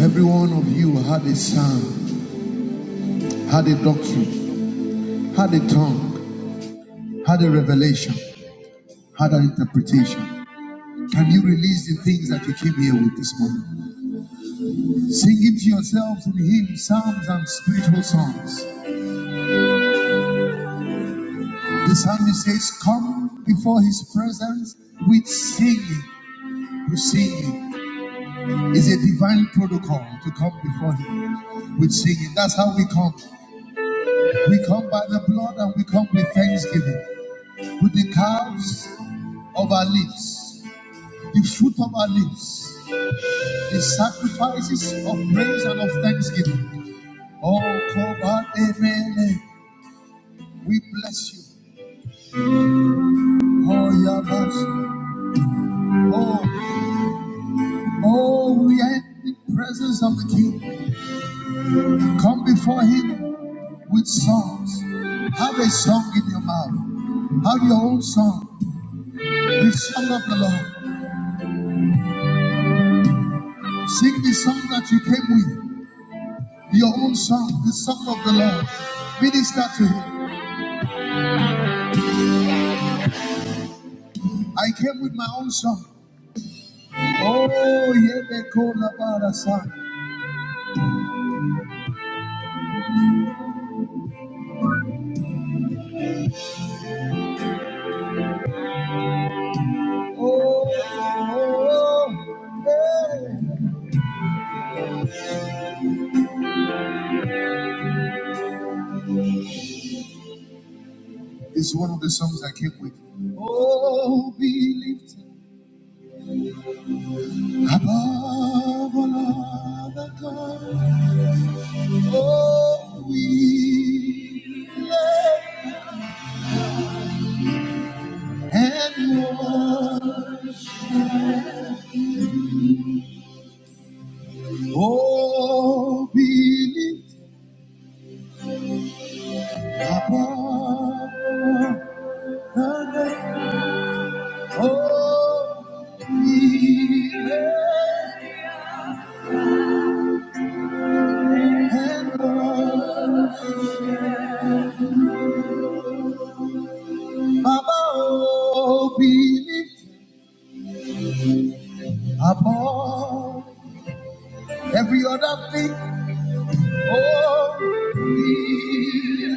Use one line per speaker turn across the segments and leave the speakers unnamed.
Every one of you had a sound, had a doctrine, had a tongue, had a revelation, had an interpretation. Can you release the things that you came here with this morning? Singing to yourselves in hymns, psalms, and spiritual songs. The psalmist says, Come before his presence with singing. To singing is a divine protocol to come before him with singing. That's how we come. We come by the blood and we come with thanksgiving, with the calves of our lips. the fruit of our lips, the sacrifices of praise and of thanksgiving. Oh, Koba Emele, we bless you. Oh, Yabas. Oh, oh, we are in the presence of the King. Come before Him with songs. Have a song in your mouth. Have your own song. The song of the Lord. Sing the song that you came with. Your own song, the song of the Lord. Minister to Him. I came with my own song. Oh, yebe kola barasa. Oh, oh, oh, eh. It's one of the songs I came with. Oh, be lifted above all other gods. Oh, we love and worship. Oh, be lifted above all other gods. Oh, we love. Mama, oh, be lifted above every other thing. Oh, be.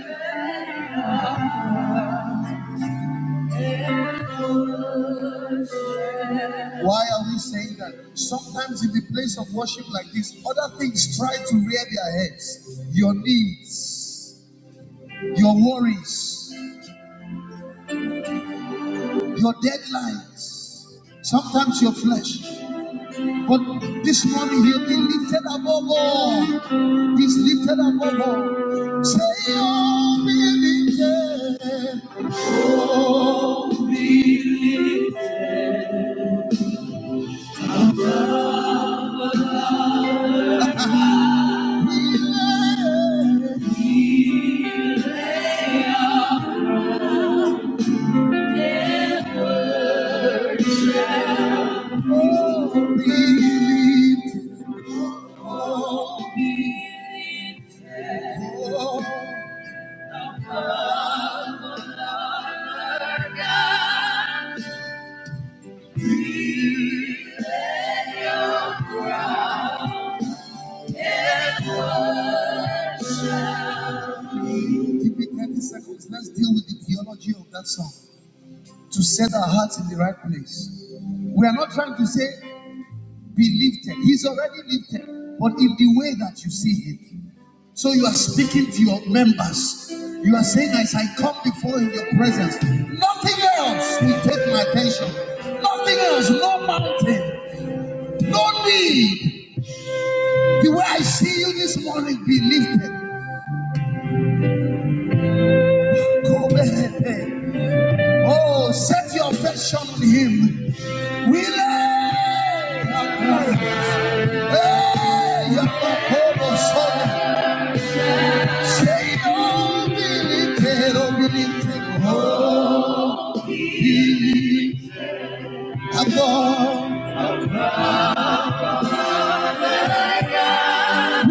Why are we saying that? Sometimes in the place of worship like this, other things try to rear their heads. Your needs, your worries, your deadlines, sometimes your flesh. But this morning he'll be lifted above all. He's lifted above all. Say, oh, be lifted. Be lifted. Oh, be lifted. Oh. Give me 30 seconds. Let's deal with the theology of that song to set our hearts in the right place. We are not trying to say be lifted. He's already lifted, but in the way that you see him. So you are speaking to your members. You are saying, as I come before in your presence, nothing else will take my attention. Nothing else, no mountain, no need. The way I see you this morning, be lifted. Go ahead. Oh, set your affection on him. We love. Hey, our crowns. Hey, Yakobo, son. Say, oh, Billy, Ted, oh, Billy, Ted, oh, I'm gone.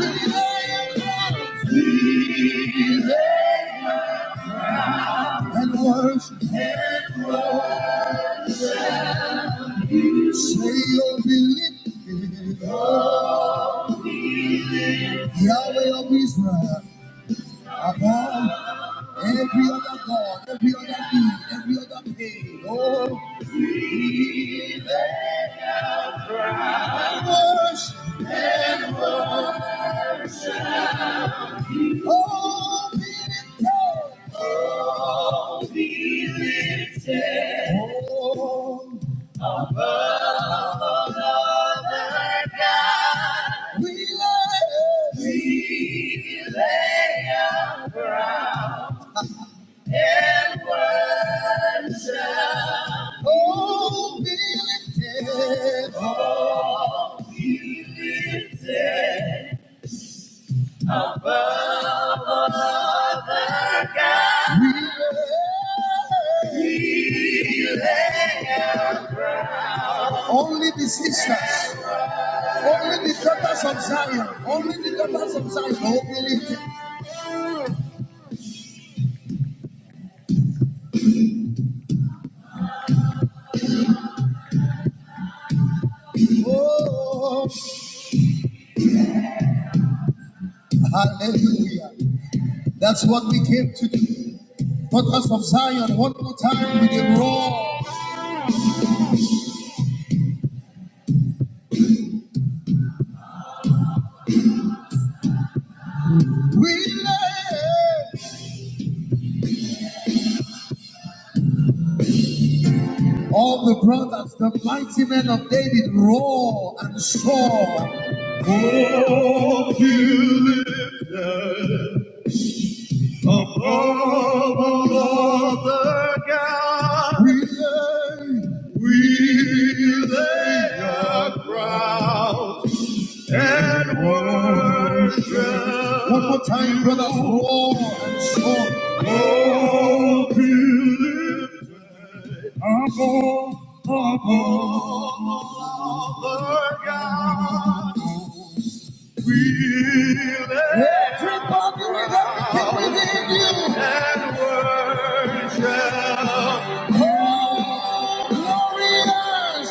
We lay Jesus and worship. Say, oh, Billy, Ted, oh, Yahweh of Israel, I'm gone. Every other God, every other need, every other pain, oh, I worship. Oh, Billy, Ted, oh. Oh, above other gods, we lay, our crown and worship. Oh, be lifted, oh, be lifted above other gods. Only the sisters. Only the daughters of Zion, only the daughters of Zion will be lifted. Oh, hallelujah. That's what we came to do. Daughters of Zion, one more time with a roar. We lay. all the brothers, the mighty men of David, roar and soar. Oh, you. of the God, we lay, we lay our crowns and worship. One more time, brother. oh, and soar. Oh, people oh, the God, we lay Everybody with everything within you. and worship.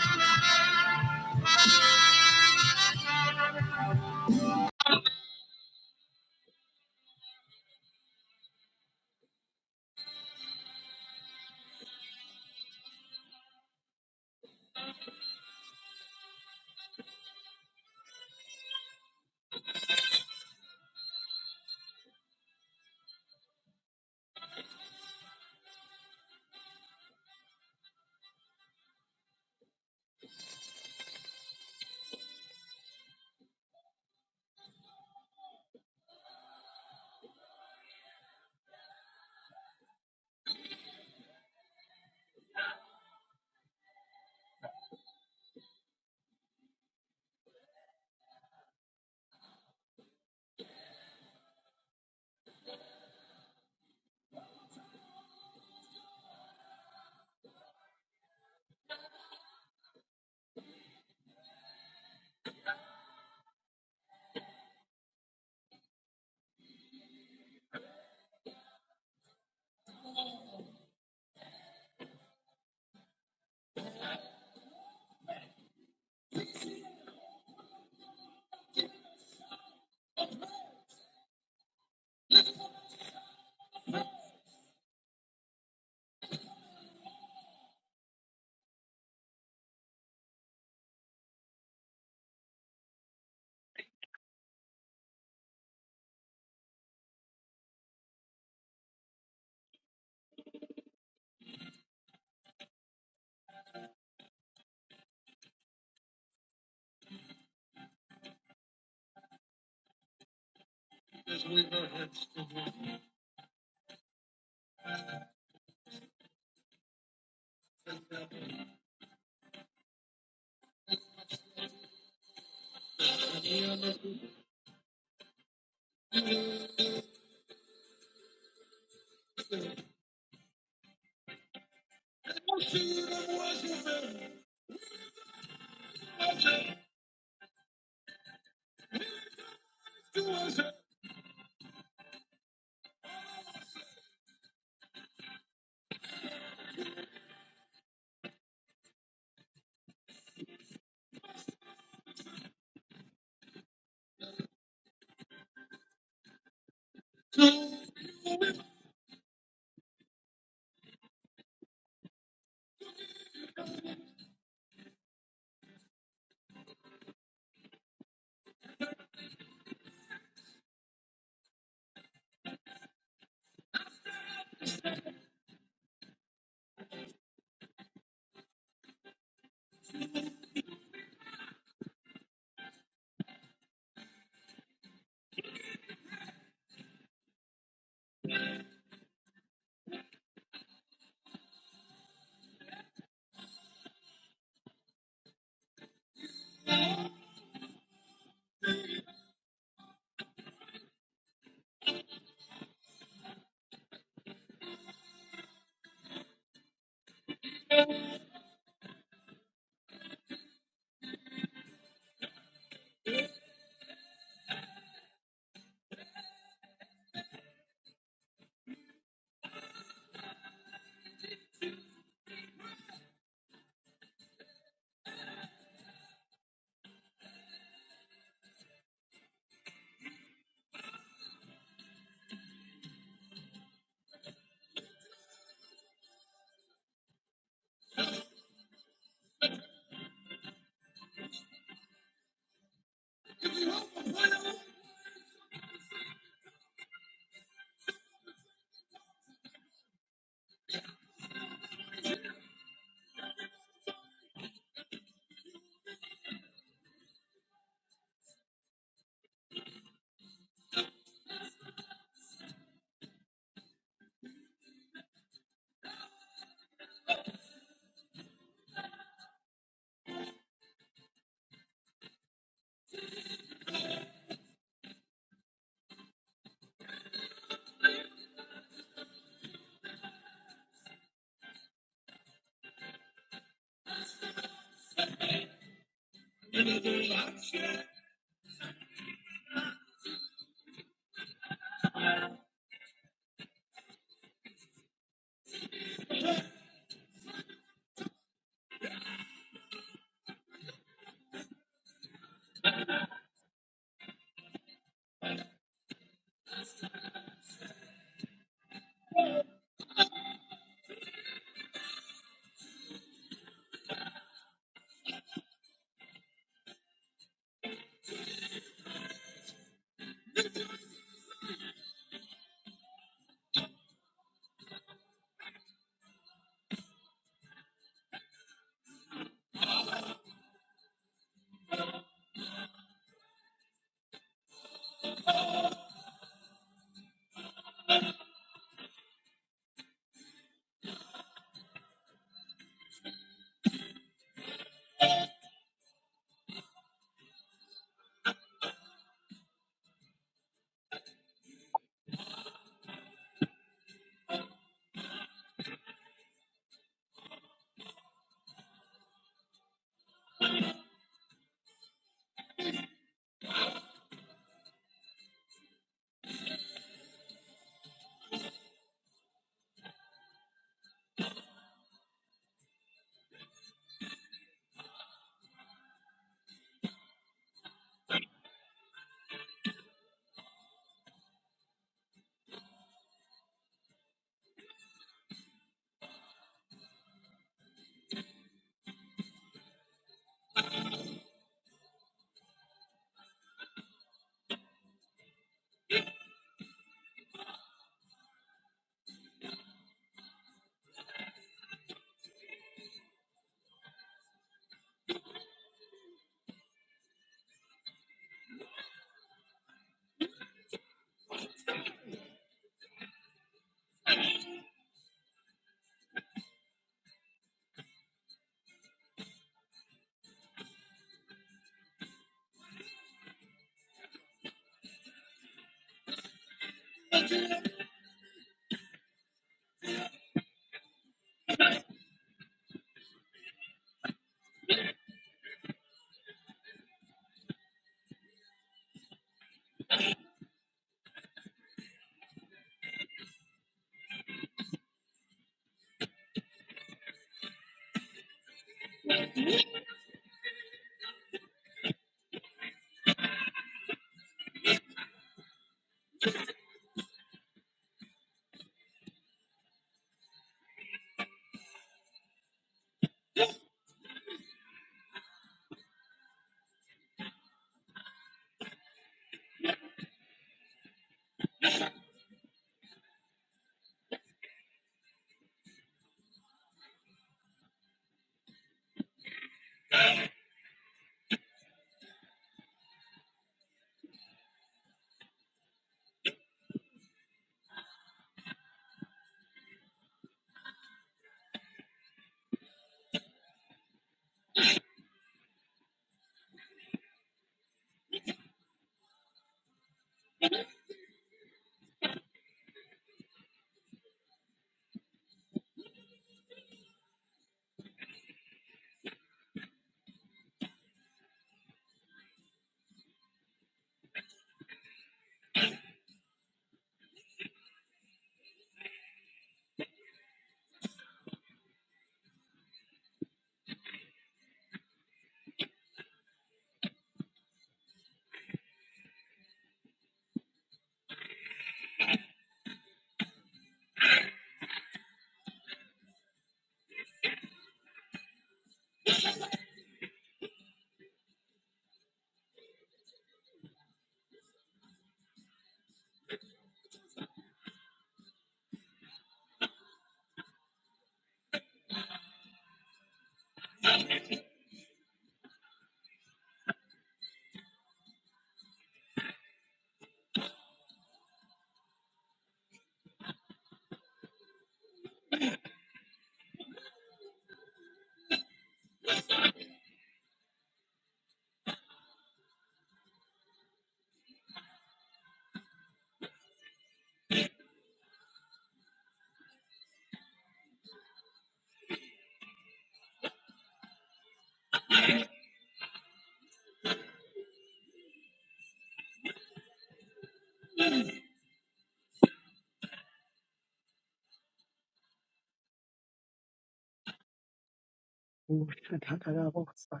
Ooh, shut up, shut up, oh, sorry.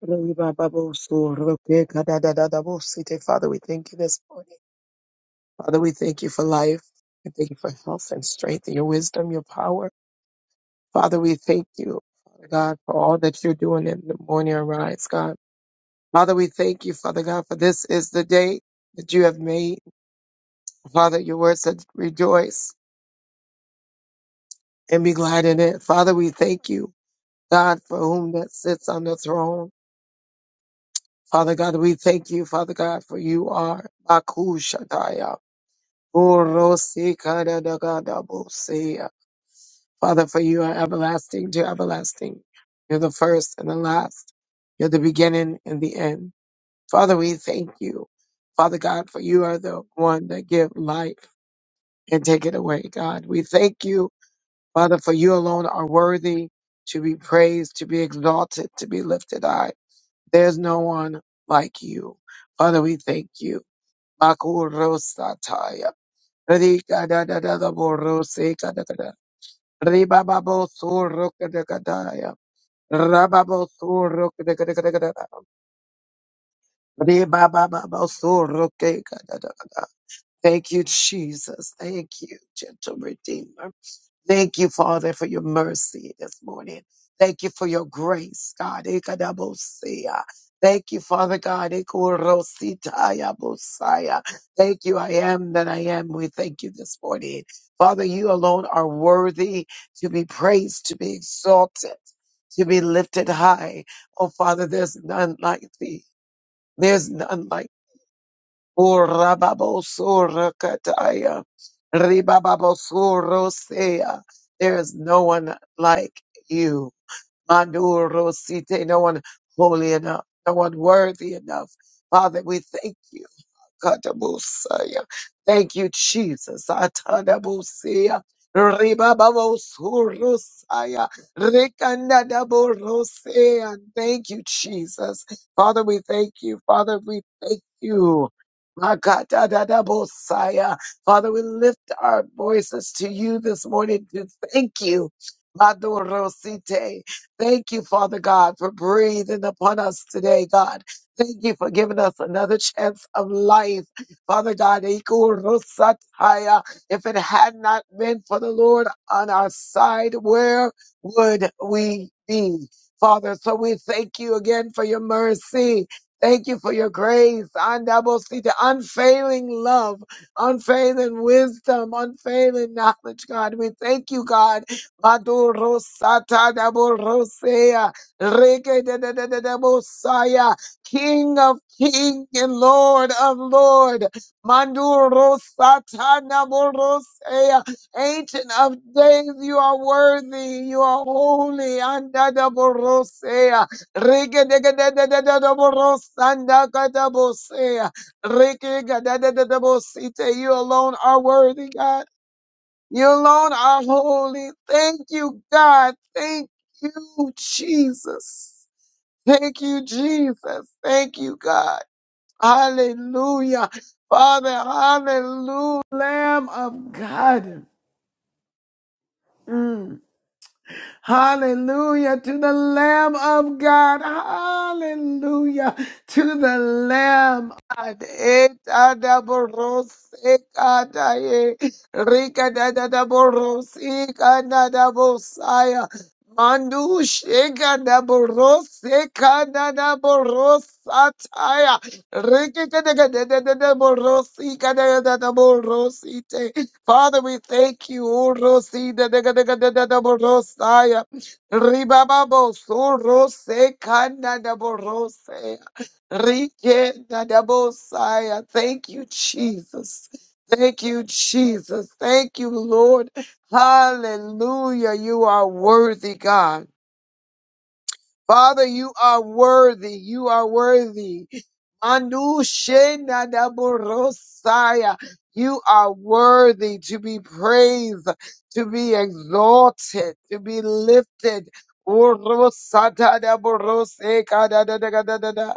Father, we thank you this morning. Father, we thank you for life. We thank you for health and strength and your wisdom, your power. Father, we thank you, Father God, for all that you're doing in the morning arise, God. Father, we thank you, Father God, for this is the day that you have made. Father, your word said, rejoice and be glad in it. Father, we thank you, God, for whom that sits on the throne. Father God, we thank you, Father God, for you are Baku Shataya. Orosikadagadabosia. Father, for you are everlasting to everlasting. You're the first and the last. You're the beginning and the end. Father, we thank you. Father God, for you are the one that give life and take it away, God. We thank you, Father, for you alone are worthy to be praised, to be exalted, to be lifted high. There's no one like you. Father, we thank you. Makurosataya. Rika da da da da borro se ka da ka da. Riba ba bo so ro ka da ka da ya. Raba bo so ro ka da ka da ka da ka da. Riba ba ba bo so ro ke ka da da ka da. Thank you, Jesus. Thank you, gentle redeemer. Thank you, Father, for your mercy this morning. Thank you for your grace, God. Ikadabosia. Thank you, Father God. Ikurositayabosaya. Thank you, I am that I am. We thank you this morning. Father, you alone are worthy to be praised, to be exalted, to be lifted high. Oh, Father, there's none like thee. There's none like kataya, Ribababosura There is no one like you. Mandurosite, no one holy enough, no one worthy enough. Father, we thank you. Katabusaya. Thank you, Jesus. Atadabusia. Ribababosurusaya. Rikandadaborosea. Thank you, Jesus. Father, we thank you. Father, we thank you. Makatadadabosaya. Father, we lift our voices to you this morning to thank you. Madorosite. Thank you, Father God, for breathing upon us today, God. Thank you for giving us another chance of life. Father God, Ikurusataya, if it had not been for the Lord on our side, where would we be? Father, so we thank you again for your mercy. Thank you for your grace, Andabosita, unfailing love, unfailing wisdom, unfailing knowledge, God. We thank you, God. Madurusata, Daborosea, Reke, King of King and Lord of Lord, Manduro Satana Borosea, Ancient of Days, you are worthy, you are holy, Andada Borosea, Riga de Gadada Borosanda Gadabosea, Riga Bosite, you alone are worthy, God. You alone are holy. Thank you, God. Thank you, Jesus. Thank you, Jesus. Thank you, God. Hallelujah. Father, hallelujah. Lamb of God. Mm. Hallelujah to the Lamb of God. Hallelujah to the Lamb. God. Eta da boros, eka Mandu shega na boros seka na na boros ataya reke ke de de de de de boros ika de de de boros ite. Father, we thank you. O rosi de de de de de de de boros aya riba babo so seka na na boros aya rike na na bosaya. Thank you, Jesus. Thank you, Jesus. Thank you, Lord. Hallelujah. You are worthy, God. Father, you are worthy. You are worthy. Mandu shena da borosaya. You are worthy to be praised, to be exalted, to be lifted. Orosata da boroseka da da da da da da da.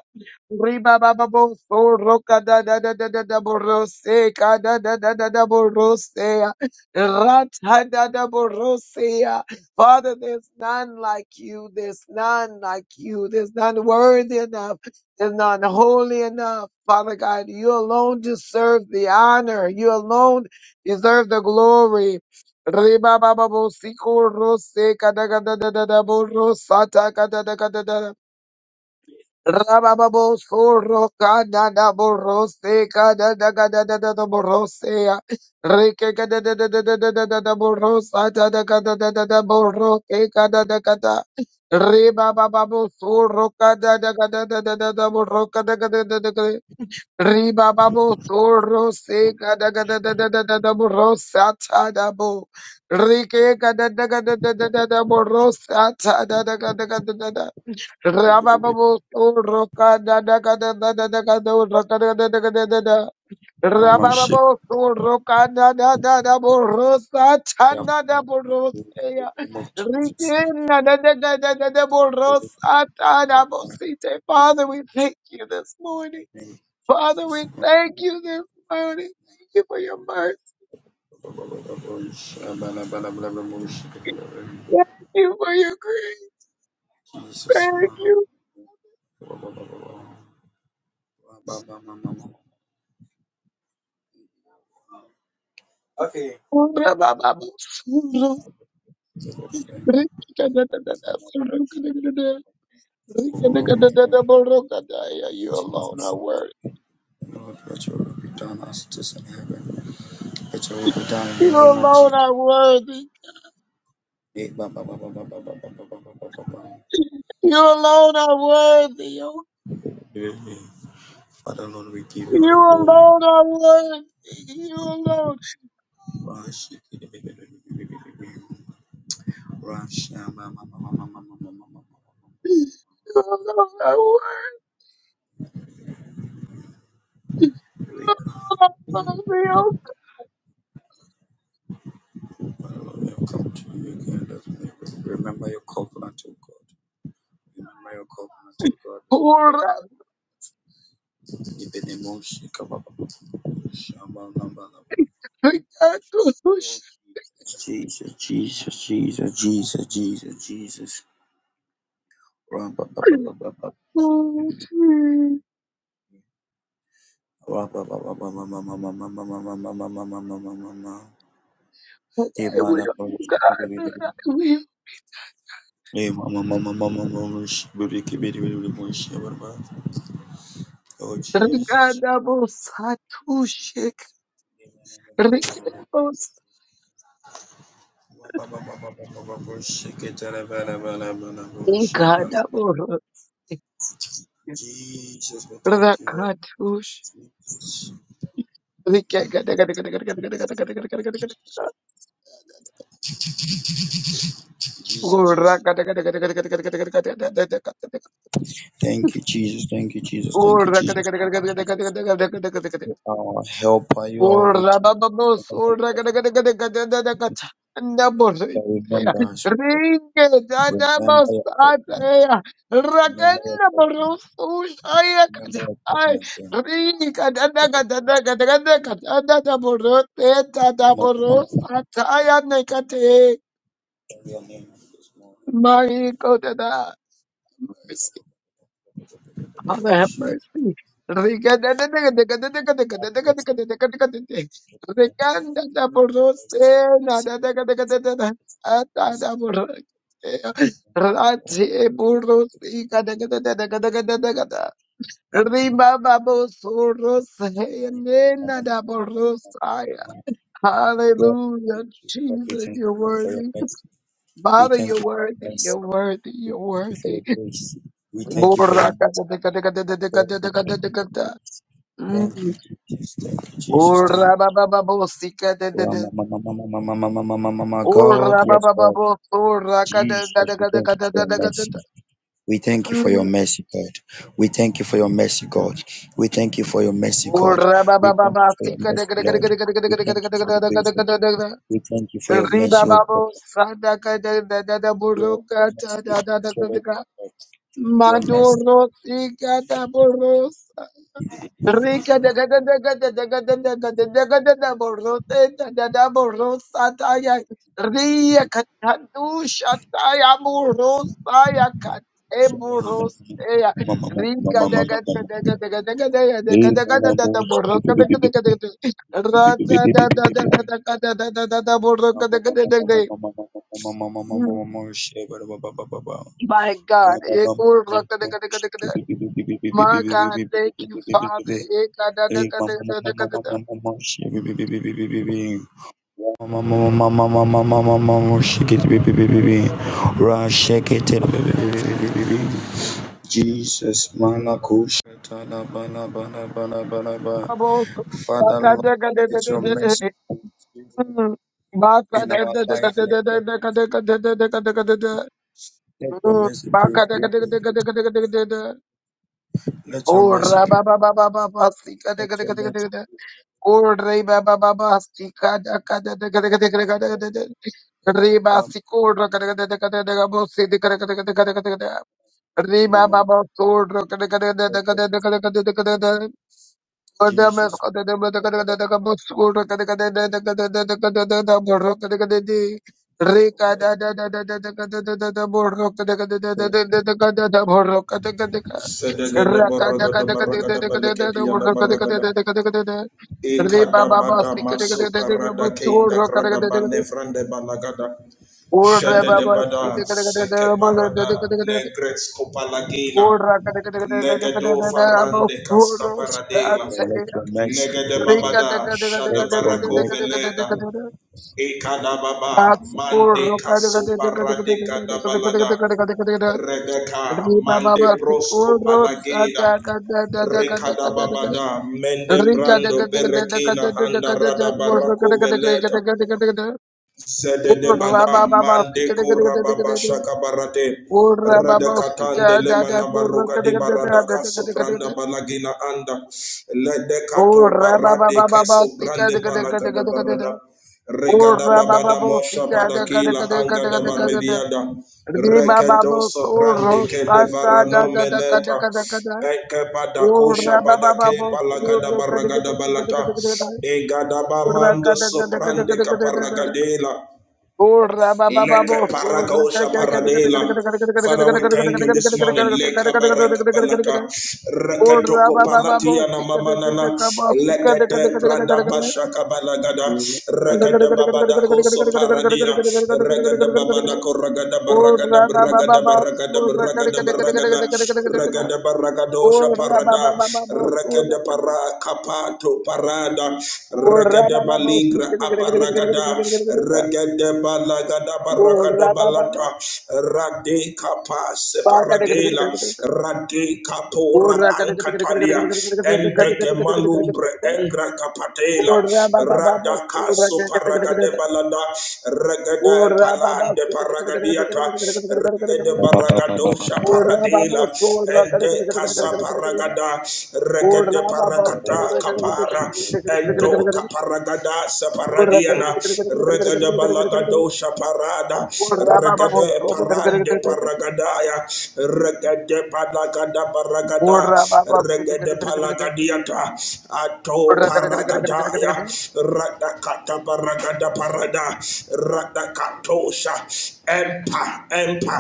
Riba ba ba bo so roka da da da da da da boroseka da da da da da borosea. Rata da da borosea. Father, there's none like you. There's none like you. There's none worthy enough. There's none holy enough. Father God, you alone deserve the honor. You alone deserve the glory. Ribabababosikorose, kadakadadadadaborosata, kadadakadada. Rababo soro kana na borose kana na kana na na borosa ta na boroke kana na reba bababo soro kana na kana Ribababo toro se kada kada da da da da da boro sa ta da bo. Rike kada da kada da da da da boro sa ta da da kada kada da da.
It will be
Rabababo toro kada da kada da da da kada ro kada da da kada da da.
normal shape.
Rabababo toro kada da da da boro sa ta
Yeah,
da da
in
boro
the
se ya.
name of Jesus.
Rike na da da da da da da
Let
boro
it
sa ta
be
da bo
covered
si te.
with
Father, we thank you this morning.
the name of
Father,
Jesus.
we thank you this morning. Thank you for your mercy. Thank you for your grace.
Jesus,
Thank
man.
you.
Okay.
You alone
Jesus,
are worthy.
Lord, let your will be done as it is in heaven. Let your will be done in the
You
name of
alone are worthy. You alone are worthy. oh.
Jesus. Father Lord, we give you all
You
the glory.
alone are worthy. You alone.
Rashi- Rasha- ma- ma- ma- ma- ma- ma- ma- ma- ma- ma- ma-
You alone are worthy.
ma- God,
You alone are worthy. oh.
Father Lord, we have come to you again. Lord. Remember your covenant, O God. Remember your covenant, O God. Remember
Ora,
even emotion.
Ricardo,
Oh, Jesus, Jesus, Jesus, Jesus, Jesus, Jesus. Ra- ba- ba- ba- ba- ba- ba-
Oh, dear!
Ra- ba- ba- ba- ba- ba- ba- ba- ba- ba- ba- ba- ba- ba- ba- ba- ba- ba- ba- ba- ba-
I
Hey, man,
will
I'm
not
from
regard. I
Shibidi.
will
Hey, mama, mama, mama, mama, Shibidi, Kibidi, Bidi, Bidi, Bidi, Shibidi. Oh, Jesus.
regard our Satu Sheikh.
Ba,
Regard
ba, ba, ba, ba, ba, ba, boy, shake it, blah, blah, blah, blah, blah, boy, sh- blah, blah.
our
Jesus, we thank you, Lord.
Rakha Dush.
Jesus,
Regard our Rakha Dush. Regard
Jesus.
our
Jesus.
Rakha Dush. Regard our Rakha Dush. Regard
Thank you, Jesus. Thank you, Jesus. Thank
our
you,
Rakha Dush.
Jesus. Thank
Regard
you, Jesus.
our Rakha Dush.
You are our helper. You are with you. Remember us, O God. Remember your covenant. Remember your covenant. Remember I put my name. Mama, mama, mama.
Ringa
Carry your name this morning. Mama, she-
Father, have mercy. Hallelujah,
My God, mercy, Father, mercy, mercy, God, thank you. God,
Jesus,
we thank
you're
you for your
worthy.
mercy. We
Father,
thank
you're
you for
worthy,
your
you're
mercy.
worthy,
We
you're
thank you for
worthy.
your grace. We thank you for your
Borra,
mercy. God, we thank you for your grace. Thank
Mm.
you, Jesus. Thank you, Jesus. Thank
Ora
you.
ba ba ba bo si ka da da da. Ora
God,
ba
yes,
ba ba
Lord.
bo so ra ka da
Jesus,
da da
we
da da
thank you
da da
for
da
your
da da
mercy.
da.
We thank you for your
Mm.
mercy, God. We thank you for your mercy, God. We thank you for your mercy, God.
Ora ba
We
ba ba
thank
ba
you for
si
your
ka da
mercy,
da da da da da
Lord.
da da
We
da
thank you for your
da da da
grace.
da
Lord.
da da da da.
We thank you for your
Ri ba
mercy,
ba
oh
bo
God.
sa da ka da da da da bo ro
Your
ka ta
mercy,
da da da da
Lord.
da.
your mercy.
Maduro Sikata Boros Rika da da da da da da da da da da da da da da da borrote da da da borrosa taya ria katadusha taya borrosa ya kate
Lord.
borrosa ya rika da da da da da da da da da da da da da da da da borroka da da da da da rata da da da da da da da da da da borroka da da da da da Mm.
Your mercy. Lord.
my
Jesus,
God, my God, thank you, Father. Eh, God, da, da, da, da, da, da, da, da, da.
Malakush,
Bubbles.
Father,
God,
Lord,
da, da, da, da,
it's
da,
your
da, da,
mercy
da. Mm. My God,
in
da,
our
da, da, da,
life.
da,
Let
da, da,
your,
da, da, da, da, da, da, da, da, da, da.
let your
Mm.
mercy
My God, da, da,
prevail.
da, da, da, da, da, da, da, da, da.
Let your
Oh,
mercy prevail.
Rabba Baba Baba Basika de
Let
Gada
your
Gada Gada
mercy
Gada. Oh, Reba Baba Basika da Gada Gada Gada Gada Gada Gada. Reba
prevail.
Siko da Gada Gada Gada Gada Bosi de Gada Gada Gada Gada Gada Reba Baba Sor da Gada Gada Gada Gada Gada Gada Gada Gada. Adam is
Jesus,
Gada Gada Gada Gada Gada Gada Bosi da Gada Gada Gada Gada Gada Gada Gada Borro Gada Gada Di. Rika da da da da da da da da da da Raka
Sedegede borogada baragada balekedia da baragada. Ikada bada masu parada keinda grada bane frande balagada. Shede de bada seke parada negres copalagina. Legedo farande casca
let your grace prevail. Let your grace
paradela.
prevail. Let your mercy
Legede
prevail.
babada shada
Let your
barako
mercy
veleda. Ikada baba mande kaso parade kada balada. Redeka, Mande Brosco Palageda rekada Babada
Ora
Mende Brando Berekina Anda Rada Barako Veleta Zedebada Mandeko Rababa Shaka Barate Redekatande Lemana Baruga di Baradaka Sopranda Balagina Anda Ledecato Barade Keso Brande Balagada Barada Regada Babada Mosha Badakila Angada Barediada Rekedo Soprande Kedevarano Meleta Eke Badakosha Badake Balagada Baragada Balata Egadabamando soprande caparagadela,
Oh,
leke paragosha paradela, Father, we thank you this morning. Leka baraka palata, reketoko palatia na mama nana, lekete prada basha kabalagada, rekete babada koso paradina, regada babada koragada baragada baragada baragada baragada baragada, regada baragadosha parada, rekete para kapato parada, regada balingra aparagada, regada balagada baragado balat. Radiata Rade Kapa Separagela Rade Kapora
Ora kada kada kada kada kada kada kada
Ankatalia
kada kada kada kada
Endeke
kada kada kada
Malumbre
kada kada.
Engra Kapatela
Ora ba ba ba ba.
Radaka
Ora kada kada kada kada
Soparagade
kada.
Balada Regade
Ora ba ba.
Palande
Kada kada kada kada kada kada kada
Paragadiata
kada kada kada
Regede
kada.
Baragadosha
Ora
prevail.
ba
Paradela
ba. Ora kada kada kada
Ende
kada
Casa
kada kada kada kada.
Paragada
Ora
Regede
ba ba.
Paragada Kapara Endo Kaparagada Separadiana Regede Balagadosha parada
Ora
regade
kada kada kada kada kada kada kada kada
parande
kada.
paragadaya regade palagada paragada
Ora kada kada kada kada kada kada kada kada kada kada. Ora ba ba. Ora kada kada kada kada. Ora ba ba. Kada kada
regade
kada kada kada. Ora kada kada kada kada kada kada. kada. Ora kada kada kada. kada. Ora
palagadiata ato paragadaya radakata paragada parada radakatosha empa empa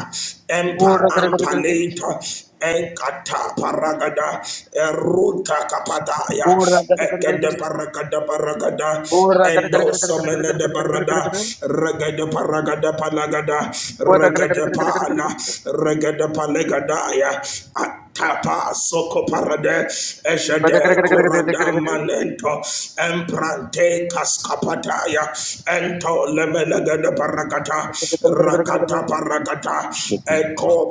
empa ampa later Enkata paragada, eruta kapadaya,
kada kada kada kada.
ekede
kada.
paragada paragada,
Ora, kare, kare,
endo
kare, kare, kare, kare, kare, kare,
somene de
kare, kare, kare,
barada,
kare.
regede paragada palagada,
Ora, kare, kare,
regede
kare, kare,
pala,
kare,
regede palegadaya, atapa soko parade, eshede
kare, kare,
kuranda
kare,
manento, emprante kaskapataya, ento lemelega de paragata,
kare, kare,
rakata
kare.
paragata, eko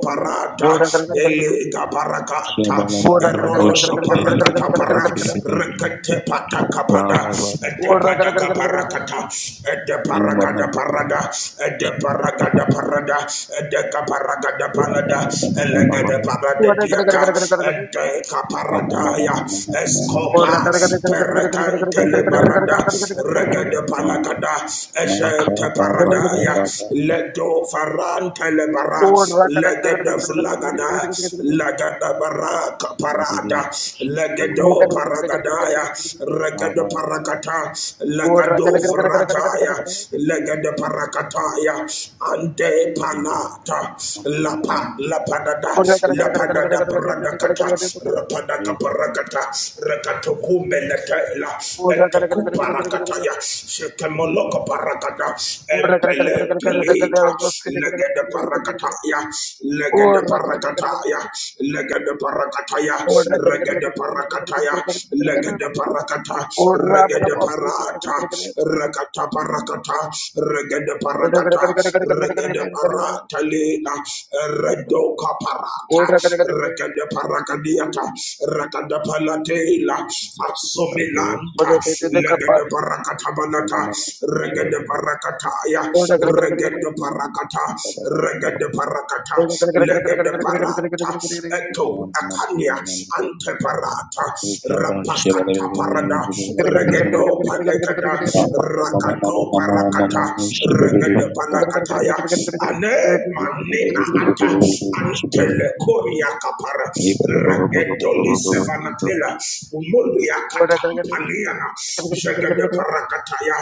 Ora,
parata,
kare, kare, kare,
Elega Barakata,
kare, kare, kare,
Erodo
kare, kare,
Barakata
kare,
Para,
kare, kare.
Rekete Patakapada,
Ora, kare, kare,
Edepadaka
kare, kare, kare,
Barakata, Edeparagada Parada, Edeparagada Parada, Edecaparagada Panada, Elegada Parada
kare,
Diata,
kare, kare, kare, kare, kare.
Edecaparadaya,
Ora,
Escopa,
kare, kare, kare, kare, kare, kare,
Perecante
kare,
baba
kare, kare, kare, kare. Ora, kare, kare, kare, kare, kare, kare,
Lebarada,
kare,
Regada
kare,
Palagada, Eshete
kare, kare,
Paradaya,
kare.
Ledo Farante Lebara,
Ora, kare, kare, kare, kare, kare, kare,
Legada
kare,
lagada
kare,
lagada baraka parada lagado paragadaya
kare,
regado parakata lagado frataya lagado parakataya ante panata lapa lapadada lapadada
kare,
paradakata
kare. O
rapadaka
you.
parakata rekato kumeletela
Order,
eteku parakataya shekemoloko parakata embelente lita legede parakataya Legede parakataya, legede parakataya, regede parakataya, legede parakata, regede parata, rakata parakata, regede parakata, regede parata lena, redo kaparata, regede parakadiata, rakada palatela, asomilanta, legede parakata banata, regede parakataya, regede parakata, regede parakata, parata, legede parata, eto akania, ante parata, rapakata parada, regedo palekada, rakato parakata, regede palakataya, ane manena ata, ante lekoria kapara, regedoli sevanatela, umulia katampaliana, jegede parakataya,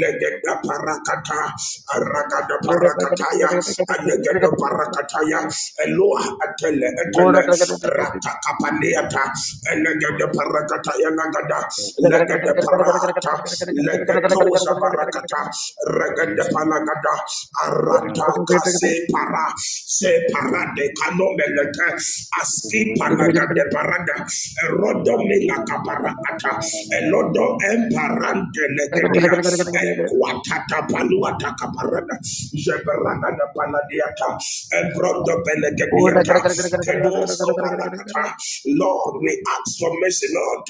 legede parakata, arakada
Back
parakataya, alegede Legedo Barakataya, Eloa Atele Etele, Ratakapaneata, Elegedo Barakataya Nagada, Legede Parata, Legetosa Barakata, Regede Panagada, Arata Kase Para, Se Parade Canomelete, Aski Panagade Parada, Erodo Milaka Barakata, Elodo Emparante Legedia, Equatata Paluata Caparada, Jeberana da pana Paladiata, Ebrondo
Thank
Belegadiata, Kedos Copalakata. Lord, we ask for mercy, Lord,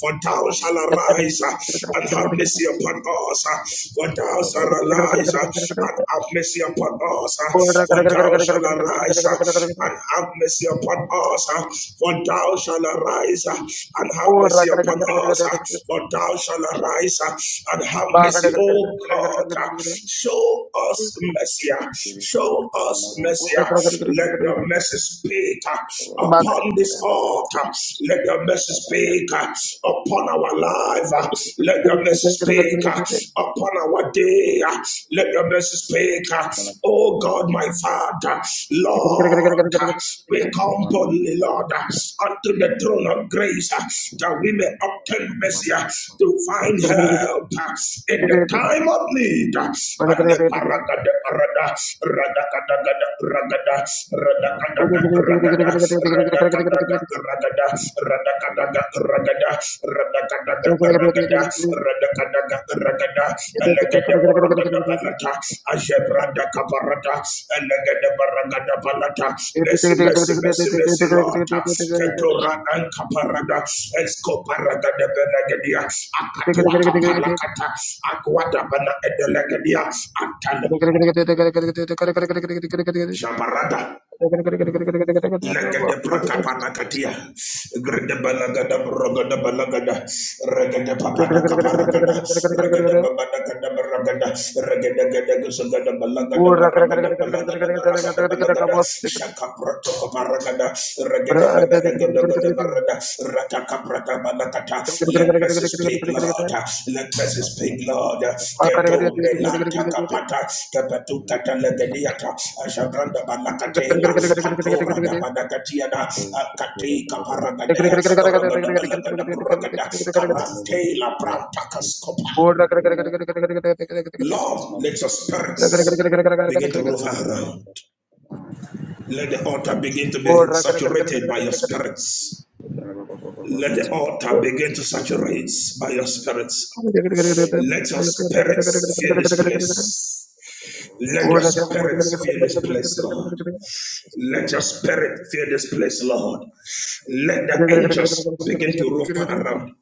for thou shall arise uh, and have mercy upon us, uh, for thou shall arise uh, and have mercy upon us, uh, for thou shall arise uh, and have mercy upon us, uh, for thou shall arise uh, and have mercy upon us, uh, for thou shall arise uh, and have mercy, O God. uh, Show us mercy. uh, Show us mercy. Let the mercy speak upon this altar. Let the mercy speak upon our
Thank
life.
you.
Let the mercy speak upon our day. Let the mercy speak. Oh God, my Father, Lord. Lord, we come boldly, Lord, unto the throne of grace that we may obtain mercy to find help in the time of need. And the paragada, parada, radakadaga, ragada, radakadaga, ragada, radakadaga, ragada, radakadaga, ragada, radakada Ragada, Radakadaga, Ragada, Elegade Baragada Balata, Ajebrada Caparata, Elegade Baragada Balata, Messi, Messi, Messi, Messi, Lota, Ketora and Caparada, Escoparaga de Benegadia, Akatuaka
you.
Palakata, Aquata Bana Edelegadia, Antana, Jabarada. Legede prata panakatia, grede balagada brogada balagada, regede papada kaparagada, regede babada kada baragada, regede gede gusagada balagada baragada balagada baragada balagada, shaka proto kaparagada,
Go
regede babada gada gada barada, rataka let message speak, Lord. Let message speak, Lord. Keto melanta kapata kapatu kata legediata ashabranda balakatela katora da badakatiada kati kaparagadaya oragada balagada buragada karatela pranta kaskopa. Lord, let your spirits begin to rover around. Let the altar begin to be saturated by your spirits. Let the altar begin to saturate by your spirits. Let your spirits fill this place. Let your spirits fill this place, Lord. Let your spirit fill this place, Lord. Let the angels begin to rover around.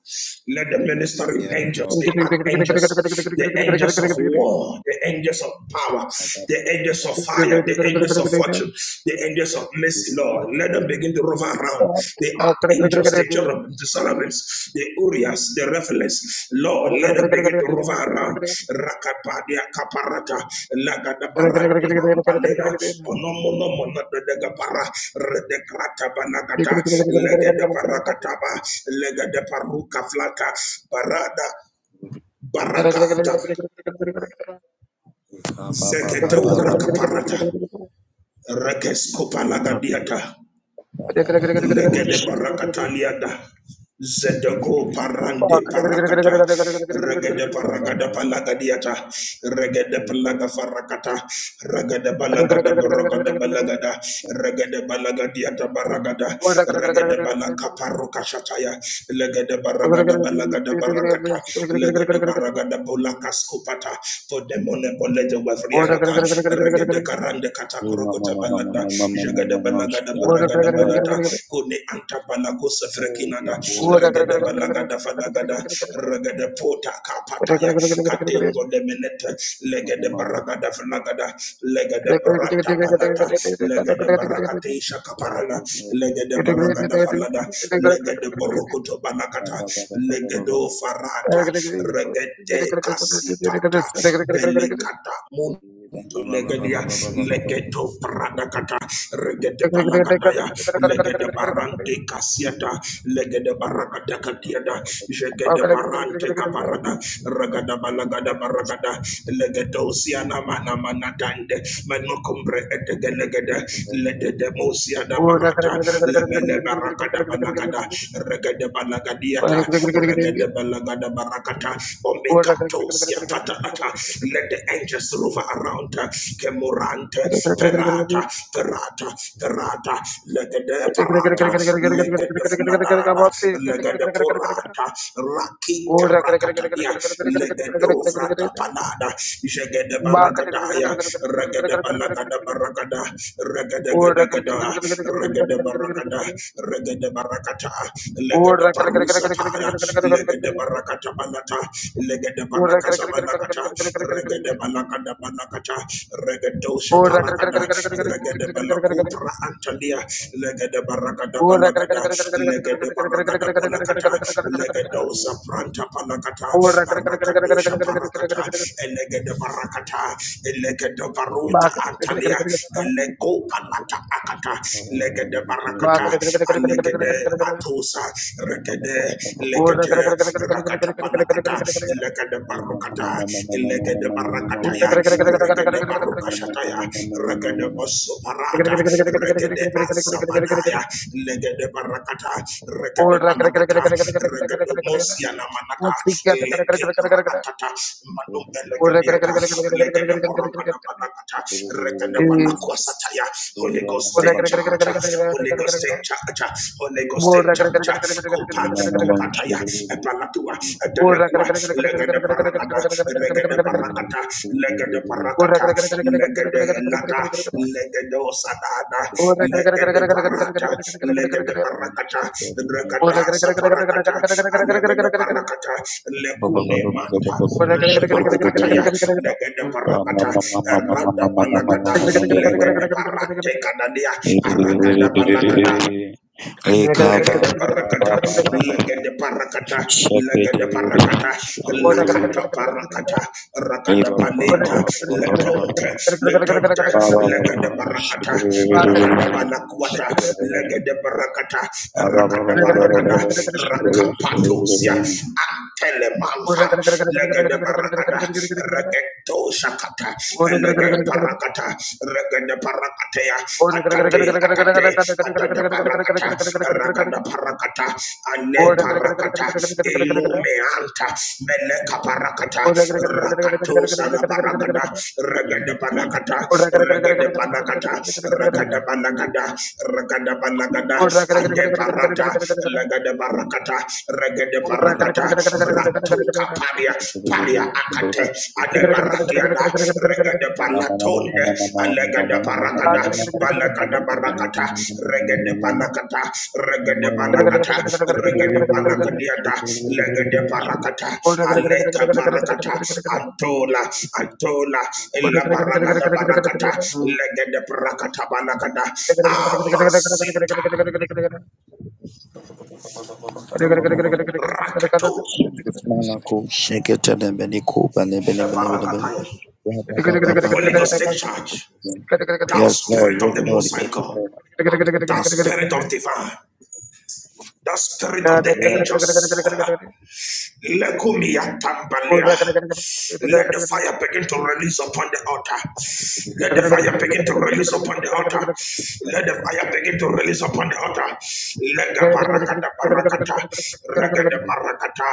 Let the ministering
Yes,
angels,
Lord.
the archangels, the angels of war, the angels of power,
Yes,
the angels of fire, the angels of
ahead.
fortune, the angels of mercy, Lord. Let them begin to rover
Oh,
around. The archangels just the cherubim, the seraphims, the urias, the refeles. Lord, let them begin to rover around. Rakapadia caparata, lagada barante ampalena, onomono monadega para, redecrata banagata, legade paracataba, legade paruca flaca, parada baracata, zegedo rakaparata, rekescopa
Lord.
lagadiata. Legede barakataliada. Zedeko parande parakata. Regede paragada palagadiata. Regede palaga farakata. Regede balagada baragada balagada. Regede balagadiata baragada. Regede balaka parukashataya. Legede baragada balagada barakata. Legede baragada polaka skupata. Podemone polete wafriadaka. Regede karande kata krokota balada. Jagada balagada baragada balata kone antabalago sefrekinada regede balagada falagada regede pota
Oh,
kapataya katengo lemenete legede baragada falagada legede brata banata legede barakateisha kaparana legede baragada falada legede borokoto balakata legedo farata regede kasipata belekata mun to legedia legeto pradakata regede palakataya legede barante kasiata legede barakata katiada jegede barante kaparada ragada balagada baragada legedosia na mana mana dande menocombre et gelegede legedemosia da barata lemele baracada balagada regede balagadiata regede balagada barakata omekatosia fatalata let the angels rover around her kemurante perata perata perata legede parata legede flanada legede pura Brata, Rakita
Or
Brakatania, Legedo Frata Panada, Jegede Baragadaya, Regede Balagada Baragada, Regede Gedegada, Regede Baragada, Regede Barakata, Legede Parusa Pada, Legede Barakata Banata, Legede Barakasa Banakata, Regede Balagada Banakata, Regedo
Thank
Shaparagada, Regede Balakupra Antali legede barakada balagada legede barakada bolakata legedo sapranta palakata arakadosha parakata elegede barakata elegede baruta antalia elego palata akata legede barakata alegede atosa regede legede rakata palakata legede barakata legede
Oh,
barakata ya regede barukashataya regede osoparata regede asabanaya legede barakata regede banakata regede mosiana manata leke parakata madum elegediata legede borokada banakata regede banakwasataya Holy Ghost take charge Holy Ghost take charge Holy Ghost take charge Kupa Kupataya Epalatu Adelequat, Legade Paracata, Legade Paracata, Legade Paracata, Legade Lata, Legade Osadada,
you.
Legade Parata, Legade Paracata, Regada Saparacata, Alagade Paracata, Lecune Manta,
Or
Mele Paracataya, Legade
Shake
Paracata, Erada Panagada, Legade Parate Canadia, Aragada Panagada. Legende parakata, legende parakata, legende parakata, lakata parakata, rakada paleta, letonte, letonte, legende parakata, rakada palakwata, legende parakata, rakada parakada, rakapatusia, antelemanfa, legende parakada, regeto shakata, legende parakata parakata, regada parakatea, atate, atate, atada parakata, ragada parakata, ane parakata, ilume ilumeanta, meleka parakata, rakato sala parakata, regada parakata,
Thank
regada
you.
parakata, regada parakata, regada parakata, ade parata, legada parakata, regada parakata, Tuka paria, paria akate, adebaratiana, regade
Yes,
panatonde, alegade paragada, balagada barakata, regade panakata, regade panakata, regade panakadiata, legade parakata, aleka parakata, antola, antola, illa paragada barakata, legade parakata banakada, amasit, rakato, shabarakataya. Holy Ghost, take charge. Thou
Lord,
spirit of
yes,
the
Lord,
Most High
yes,
God,
Lord.
thou spirit of divine, thou spirit of the
Yeah.
angels. Lekumia
Thank
tambalia. Let the fire begin to release upon the altar. Let the fire begin to release upon the altar. Let the fire begin to release upon the altar. Lega parakata parakata. Ragada parakata.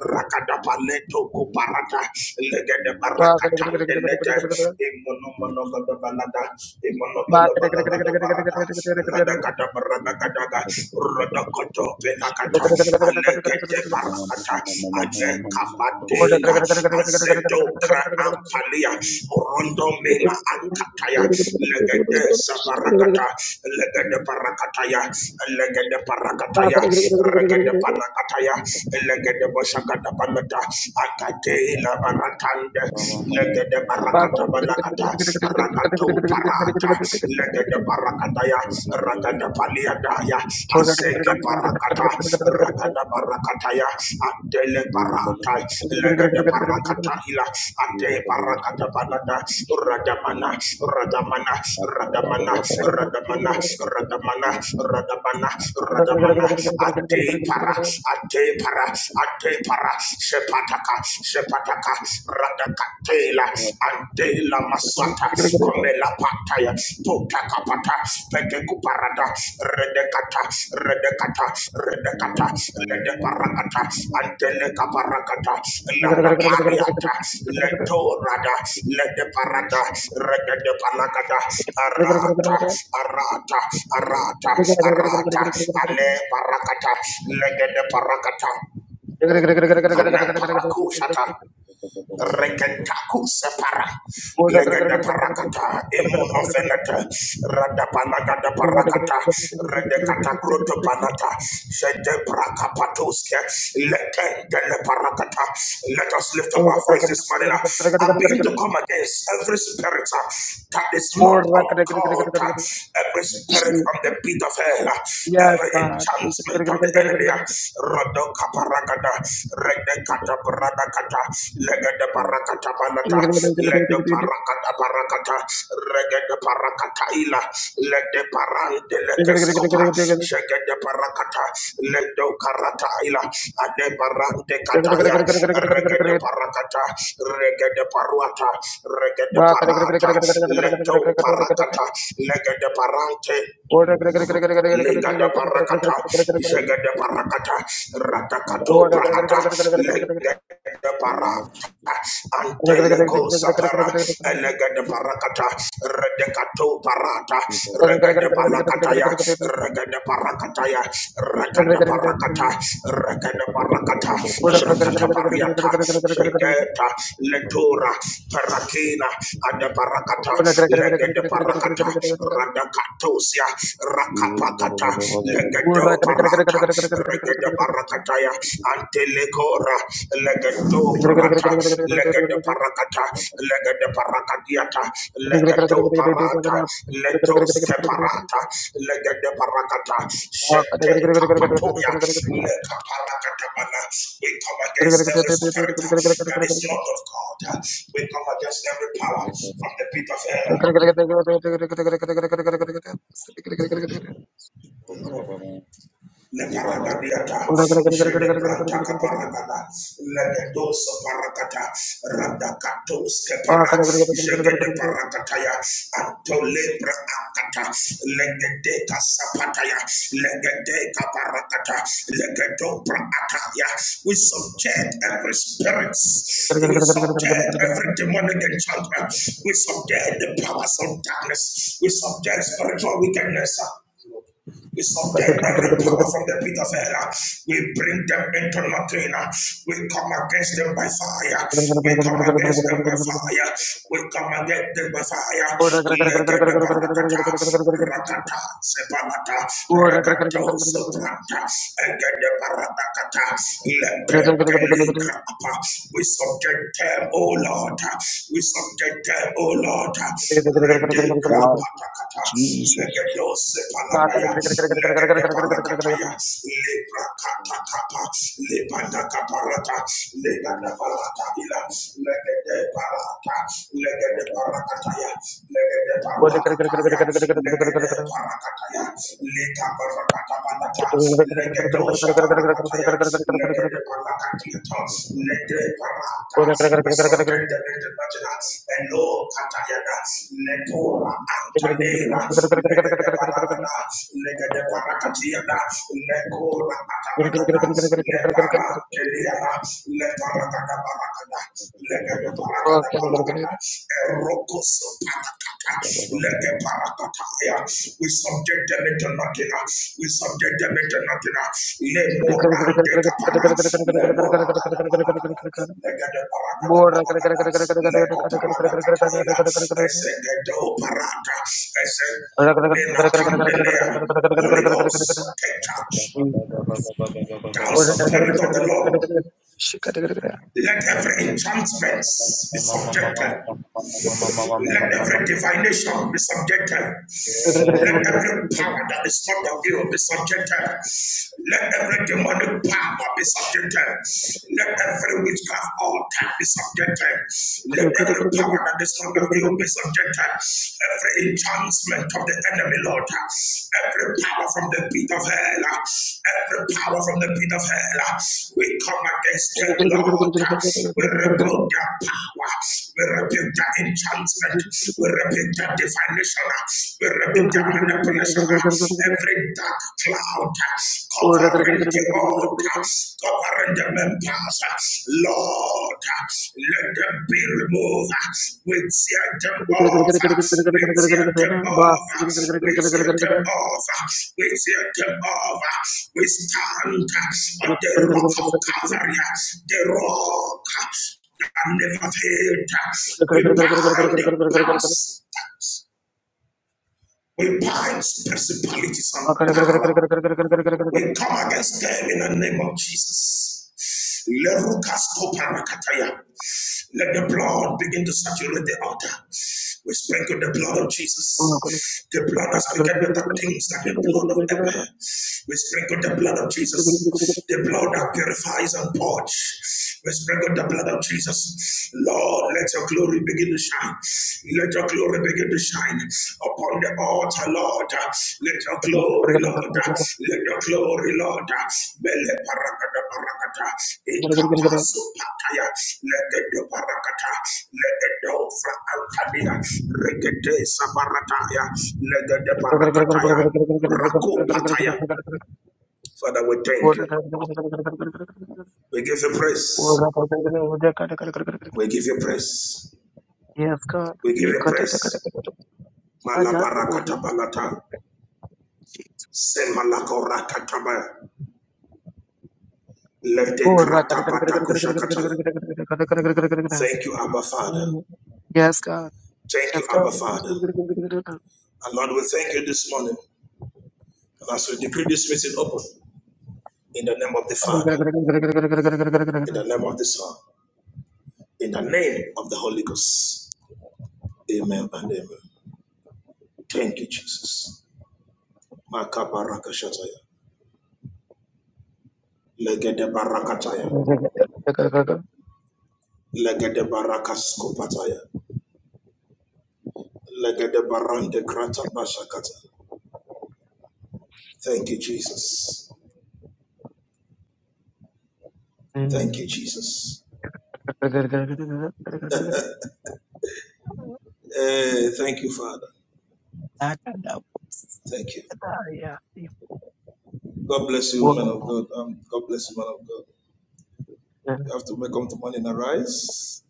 Rakada paleto kuparata. Lega de parakata. De lete. imonomonoga de balada. imonoga de
Thank you.
Imonogoda balagada barata. Radagada baragadaga. Rodokoto Penakata, Anegate Parakata, Anekapatela, Azedokra Ampalia, Rondo Mela Ankataya, Legade Saparakata, Legade Parakataya, Legade Parakataya, Regade Panakataya, Legade Boshakata Panata, Akatela Barakande, Legade Barakata Banakata, Ragato Parad legede barakataya ragada paliadaya aseke barakata ragada barakataya adele barata legede
you.
barakata ila ade barakata banada radamana radamana
Yes,
radamana radamana radamana radamana radamana ade para ade para ade para sepataka sepataka radaka. Tela Antela Maswata Komela Pataya Potaka kapata Peteku Parada Redekata Redekata
And that
Redekata
is
Lede Paragata Antele Kaparagata Landa Pariata Leto Rada Lede Parada Regede Paragata Arata Arata Arata Arata Ale Paragata Legede Paragata Ane Parakusata Reketaku separa. Legada parakata. Emonovenata. Rada panagada parakata. Redekata kruto panata. Jede prakapatuske. Lekendele parakata. Let us lift up our voice this morning. I begin to come against every spirit uh, that is not of God. uh, Every spirit from the pit of hell. uh, Every enchantment of the enemy. uh, Rodoka paragada, regekata paradakata, legede parakata balata, lede parakata parakata, regede parakata ila, lede parante lekescopa,
God.
jegede parakata, lede karata ila, ade parante
Go ahead.
kataya, regede parakata, regede paruata, regede parata, leto parakata, legede parante, Legada parakata, jagada parakata, ratakato
not
praata, legada
the name of
parata, anteleko sapara, elegada parakata, redekato parata, regada parakataya, regada parakataya, regada parakata, regada parakata, rakata pariata, jagata, letura, parakina, ada parakata, legada parakata, Rada Katosia, Rakapakata, Legado Parata, Regada Barakataya, Antelecora, Legado Parata, Legada Parakata, Legada Parakadiata, Legado Parata, Letos Keparata, Legada Parakata,
Oh,
Shete Kapatoria, Leka Parakatabana. We come against every spirit that is not of God. We come against every power from the pit of hell.
Jesus.
Leparagadiata, Jedebranta Caparagada, Legados Paracata, Radacatos Capara, Jegede Paracataya, Antolebra Acata, Legadeca Sapataya, Legadeca Paracata, Legadopra Ataya. We subject every spirit, we subject every demonic enchantment, we subject the powers of darkness, we subject spiritual wickedness. We subject every power from the pit of hell. We bring them into nothing. We come against them by fire. We come against them by fire. We come against them by fire. Legede barakata, rakata, sepanata, regato, sopranta, egede barakata, legede likrapa. We subject them, oh O Lord. We subject them, O Lord. Rede
Wow,
grapatakata,
Jesus.
legedos paladaya, legede parakataya, lebra katakapa, lebanda kaparata, legada parata ila, legede parata, legede parakataya, legede parakataya, legede parakataya, leka parata.
More
Patapanata, Legedo Shaparakataya, Legede Parakatiata, Lede Parata, we subject them in the Matina, Elo Katayana, Letora Antanera, Legede Parakata, Legede Parakatiana, Lekora Atabalada, Lepara Keliana, Leparakata Parakata, Legede Parakata let We subject them into nothing. We subject them into nothing. Le morande kapara. Le morakata parakata. Le gada parakata parakata. Le koparada kataila. Esegedo paraka. Eseg. Menatandelea. Holy Ghost, take charge. Thou Spirit of the Lord, let every enchantment be subjected. Let every divination be subjected. Let every power that is not of you be subjected. Let every demonic power be subjected. Let every witchcraft altar be subjected. Let every power that is not of you be subjected. Every enchantment of the enemy, Lord. Every power from the pit of hell, every power from the pit of hell, we come against
Gracias.
them, Lord. We rebuke their power, we rebuke their enchantment, we rebuke their definition, we rebuke their manipulation. Every dark cloud covering the altar, covering the members, Lord. Lord, let them be removed. We tear them off. We tear them off. We tear them off. We tear them off. We stand on the rock of Calvary, the rock that never failed. We bind the powers. We bind principalities and power. We come against them in the name of Jesus. Lerukaskoparakataya. Let the blood begin to saturate the altar. We sprinkle the blood of Jesus. The blood has begun better things than the blood of Abel. We sprinkle the blood of Jesus the blood that purifies and purges. We sprinkle the blood of Jesus. Lord, let your glory begin to shine. Let your glory begin to shine upon the altar, Lord. Let your glory, Lord. Let your glory, Lord. Bele parakata parakata. Ikapasu pataya. Legedo parakata. Legedo fra altabia. Regede saparataya. Legede parakataya. Rako pataya. Father, we thank
Yes,
you. We give you praise. We give you praise.
God.
We give
Yeah,
you
God.
praise.
I not the word.
Malabarakatabalaga. Semalakorakataba. Ledekratabatakashakata. Thank you, Abba Father.
Yes, God.
Thank
Yes,
you,
God.
Abba Father. And Lord, we thank you this morning. And as we decree this meeting open, in the name of the Father, in the name of the Son, in the name of the Holy Ghost. Amen and amen. Thank you, Jesus. Makabarakashataya. Legedebarakataya. Legede barakas kopataya. Legede barande krata bashakata. Thank you, Jesus. Thank you, Jesus. Eh, thank you, Father. Thank you. God bless you, woman of God. Um, God bless you, man of God. You have to make up the morning arise.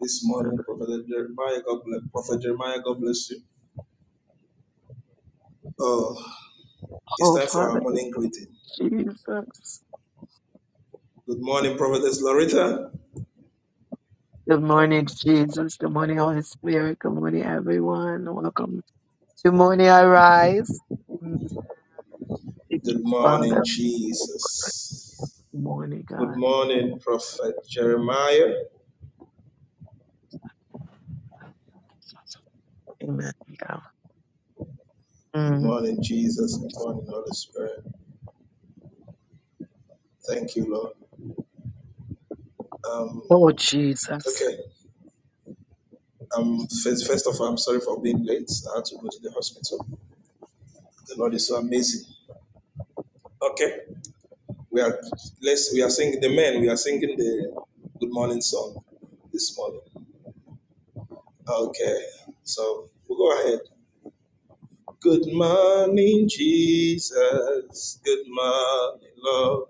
This morning, Prophet Jeremiah, God bless Prophet Jeremiah, God bless you. Oh, it's
Oh,
time for our
Father,
morning greeting.
Jesus.
Good morning, Prophetess Loretta.
Good morning, Jesus. Good morning, Holy Spirit. Good morning, everyone. Welcome. to morning, I rise. Mm, Thank
Good
you,
morning,
Father. Good
Jesus.
morning,
Good
God.
morning, Prophet Jeremiah.
Amen. Yeah.
Good
Mm.
morning, Jesus. Good morning, Holy Spirit. Thank you, Lord. Um,
Oh, Jesus.
okay. Um, first, first of all, I'm sorry for being late. I had to go to the hospital. The Lord is so amazing. Okay, we are let's we are singing the men. We are singing the good morning song this morning. Okay, so we'll go ahead. Good morning, Jesus. Good morning, Lord.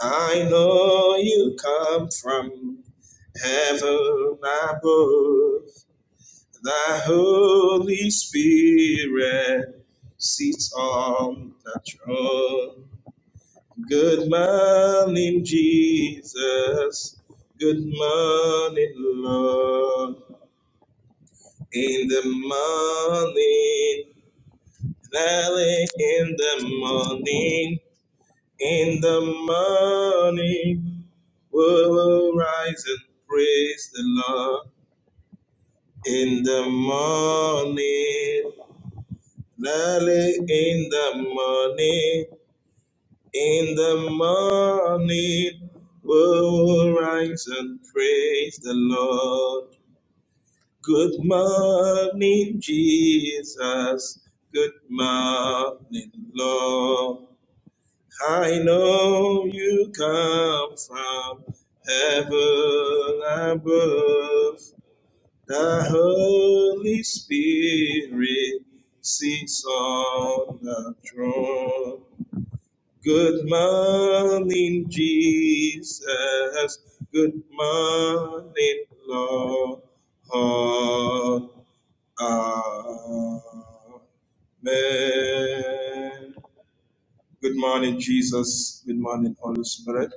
I know you come from heaven above. Thy Holy Spirit sits on the throne. Good morning, Jesus. Good morning, Lord. In the morning, early in the morning, in the morning, we will rise and praise the Lord. In the morning, Early in the morning, in the morning, we'll rise and praise the Lord. Good morning, Jesus. Good morning, Lord. I know you come from heaven above. The Holy Spirit sits on the throne. Good morning, Jesus. Good morning, Lord. Amen. Good morning, Jesus. Good morning, Holy Spirit.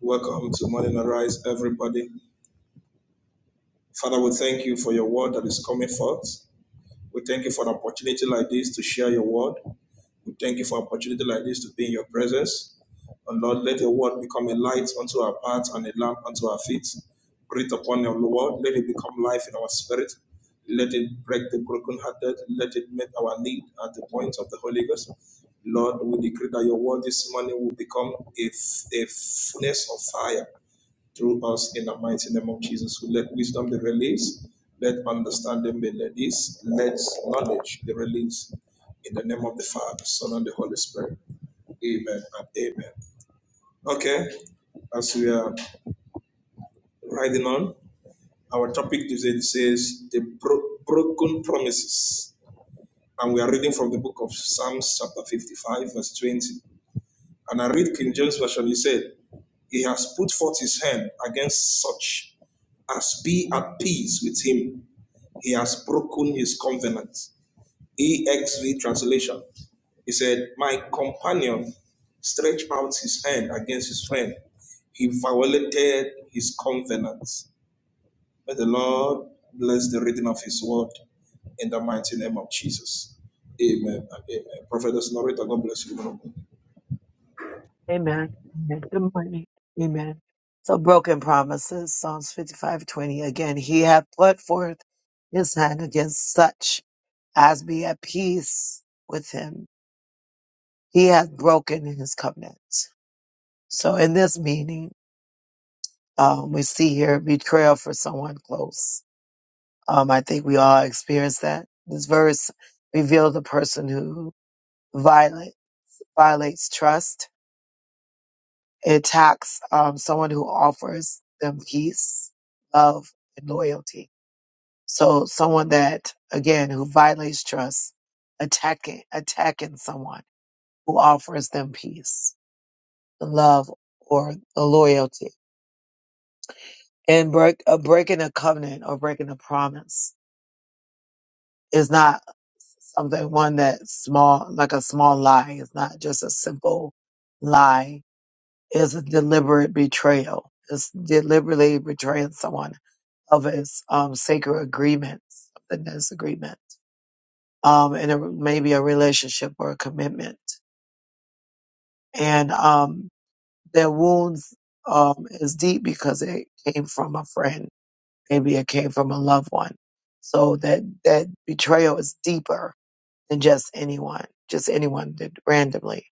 Welcome to Morning Arise, everybody. Father, we thank you for your word that is coming forth. We thank you for an opportunity like this to share your word. We thank you for an opportunity like this to be in your presence. And Lord, let your word become a light unto our path and a lamp unto our feet. Breathe upon your word. Let it become life in our spirit. Let it break the brokenhearted. Let it meet our need at the point of the Holy Ghost. Lord, we decree that your word this morning will become a a fullness of fire through us in the mighty name of Jesus. So let wisdom be released, let understanding be released, let knowledge be released in the name of the Father, Son, and the Holy Spirit. Amen and amen. Okay, as we are riding on, our topic today says the bro- broken promises. And we are reading from the book of Psalms, chapter 55, verse 20. And I read King James Version, he said, He has put forth his hand against such as be at peace with him. He has broken his covenant. EXV translation. He said, My companion stretched out his hand against his friend. He violated his covenant. May the Lord bless the reading of his word in the mighty name of Jesus. Amen and amen. Prophet Norita, God bless you. woman God.
Amen. Amen. Good morning. Amen. So, broken promises, Psalms fifty-five twenty. Again, he hath put forth his hand against such as be at peace with him. He hath broken his covenant. So, in this meaning, Um, we see here betrayal for someone close. Um, I think we all experience that. This verse reveals a person who violate, violates trust, It attacks um, someone who offers them peace, love, and loyalty. So someone that, again, who violates trust, attacking, attacking someone who offers them peace, love, or the loyalty. And break, uh, breaking a covenant or breaking a promise is not something one that's small like a small lie it's not just a simple lie it's a deliberate betrayal it's deliberately betraying someone of his um, sacred agreements the disagreement um, and it may be a relationship or a commitment and um, their wounds um, is deep because it came from a friend maybe it came from a loved one so that that betrayal is deeper than just anyone just anyone did randomly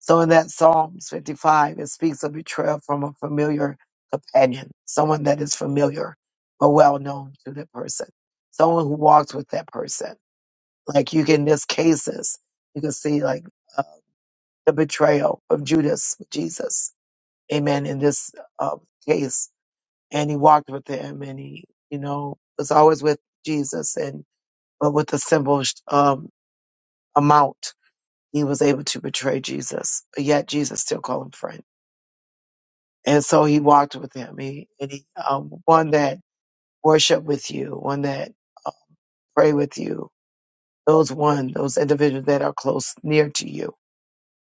So in that Psalms 55, it speaks of betrayal from a familiar companion, someone that is familiar or well known to that person, someone who walks with that person. Like you can, in this cases, you can see like uh, the betrayal of Judas, with Jesus. Amen. In this uh, case, and he walked with him, and he, you know, was always with Jesus, and but with a simple um, amount, he was able to betray Jesus. But yet Jesus still called him friend And so he walked with him. He, and he, um, one that worship with you, one that pray with you, those one, those individuals that are close, near to you.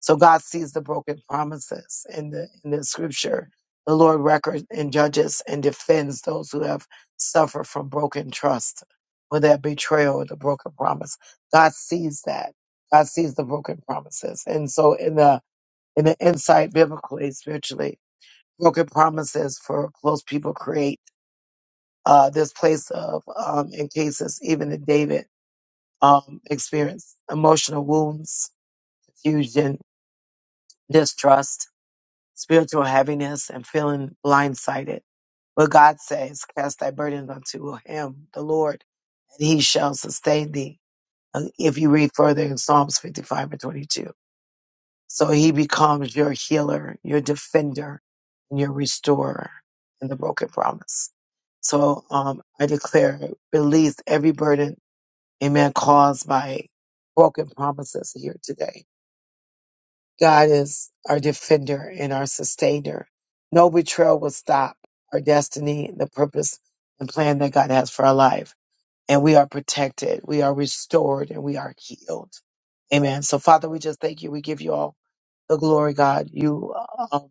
So God sees the broken promises in the, in the scripture. The Lord records and judges and defends those who have suffered from broken trust, or that betrayal or the broken promise. God sees that. God sees the broken promises. And so in the, in the insight biblically, spiritually, broken promises for close people create uh, this place of, um, in cases even that David um, experienced emotional wounds, confusion, distrust, spiritual heaviness, and feeling blindsided. But God says, Cast thy burdens unto him, the Lord, and he shall sustain thee. And If you read further in Psalms 55 and 22. So he becomes your healer, your defender, and your restorer in the broken promise. So um, I declare, release every burden Amen. Caused by broken promises here today. God is our defender and our sustainer. No betrayal will stop our destiny, the purpose and plan that God has for our life. And we are protected. We are restored and we are healed. Amen. So Father, we just thank you. We give you all the glory, God. You, um,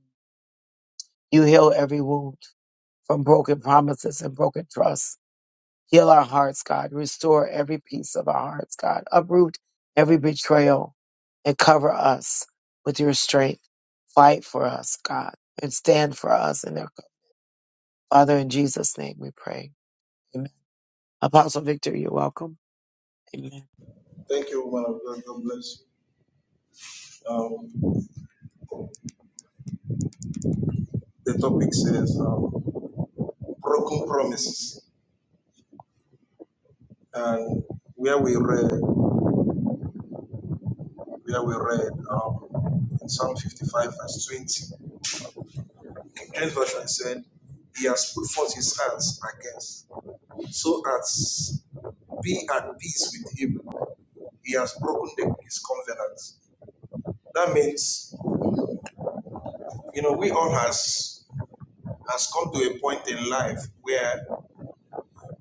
you heal every wound from broken promises and broken trust. Heal our hearts, God. Restore every piece of our hearts, God. Uproot every betrayal and cover us with your strength. Fight for us, God, and stand for us. And Father, in Jesus' name we pray. Amen. Apostle Victor, you're welcome. Amen.
Thank you, woman of God. God bless you. Um, the topic says um, broken promises, and where we read, where we read um, in Psalm 55 verse 20, King James version said, "He has put forth his hands against, so as be at peace with him. He has broken the, his covenant." That means, you know, we all has has come to a point in life where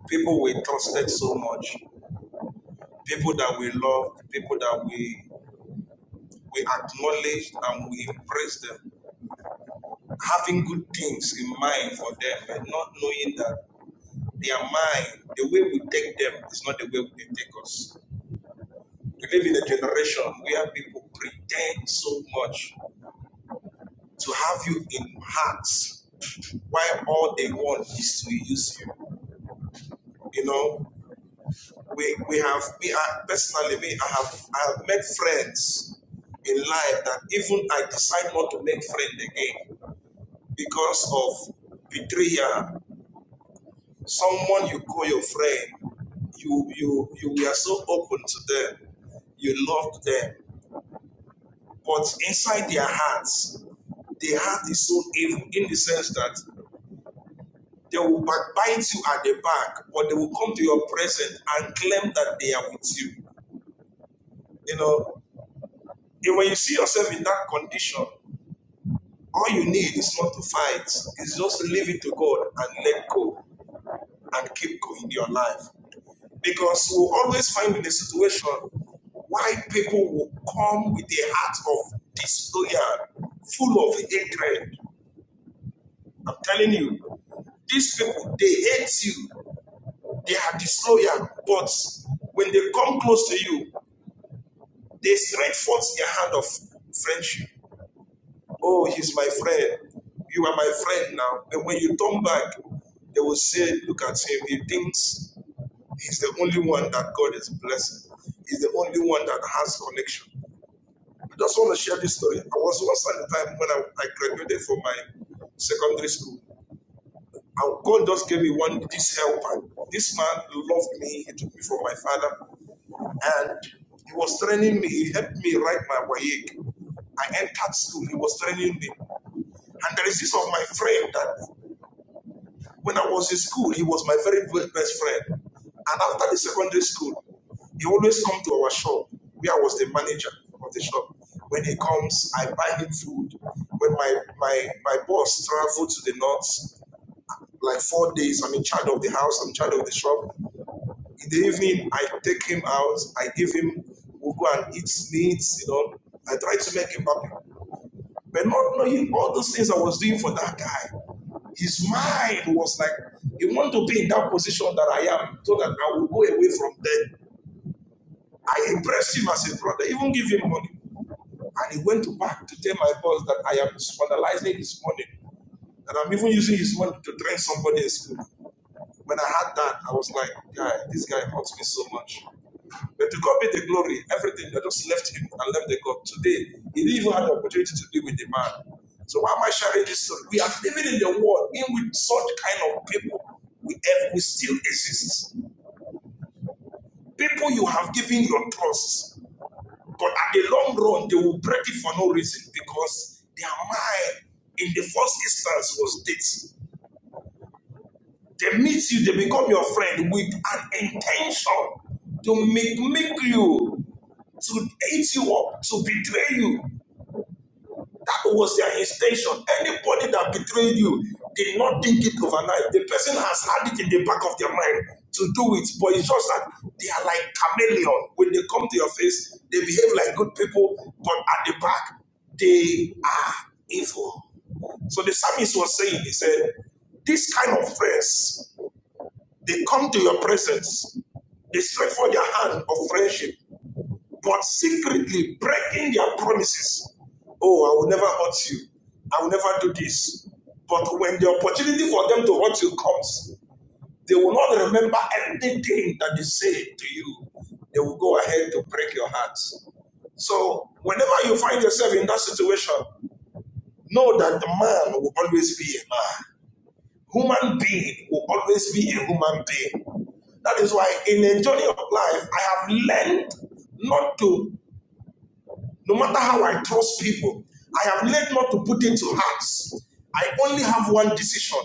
people we trusted so much, people that we loved, people that we we acknowledge and we embrace them, having good things in mind for them and not knowing that their mind, the way we take them is not the way. Someone you call your friend, you you you were so open to them, you loved them, but inside their hearts, their heart is so evil in the sense that they will backbite you at the back, but they will come to your presence and claim that they are with you. You know, and when you see yourself in that condition, All you need is not to fight, it's just leave it to God and let go and keep going in your life. Because we'll always find in a situation why people will come with a heart of disloyal, full of hatred. I'm telling you, these people, they hate you, they are disloyal, but when they come close to you, they straight force their hand of friendship. Like my Wayek, I entered school, he was training me. And there is this of my friend that When I was in school, he was my very be- best friend. And after the secondary school, he always come to our shop where I was the manager of the shop. When he comes, I buy him food. When my my my boss traveled to the north, like four days, I'm in charge of the house, I'm in charge of the shop. In the evening, I take him out, I give him, we'll go and eat meats, you know. I try to make him happy. But not knowing all those things I was doing for that guy. His mind was like, "You want to be in that position that I am so that I will go away from there. I impressed him as a brother, even give him money. And he went back to tell my boss that I am scandalizing his money, that I'm even using his money to train somebody in school. When I had that, I was like, guy, this guy hurts me so much. But to God be the glory, everything. They just left him and left the God. Today, he didn't even have the opportunity to be with the man. So why am I sharing this story? We are living in the world in which such kind of people we, have, we still exist. People you have given your trust, but at the long run, they will break it for no reason because their mind in the first instance was this. They meet you, they become your friend with an intention to make, make you, to hate you up, to betray you, was their intention. Anybody that betrayed you did not think it overnight. The person has had it in the back of their mind to do it, but it's just that they are like chameleon. When they come to your face, they behave like good people, but at the back, they are evil. So the psalmist was saying, he said, this kind of friends, they come to your presence, they stretch for their hand of friendship, but secretly breaking their promises. Oh, I will never hurt you. I will never do this. But when the opportunity for them to hurt you comes, they will not remember anything that they say to you. They will go ahead to break your hearts. So, whenever you find yourself in that situation, know that the man will always be a man. Human being will always be a human being. That is why in the journey of life, I have learned not to No matter how I trust people, I have learned not to put into hearts. I only have one decision.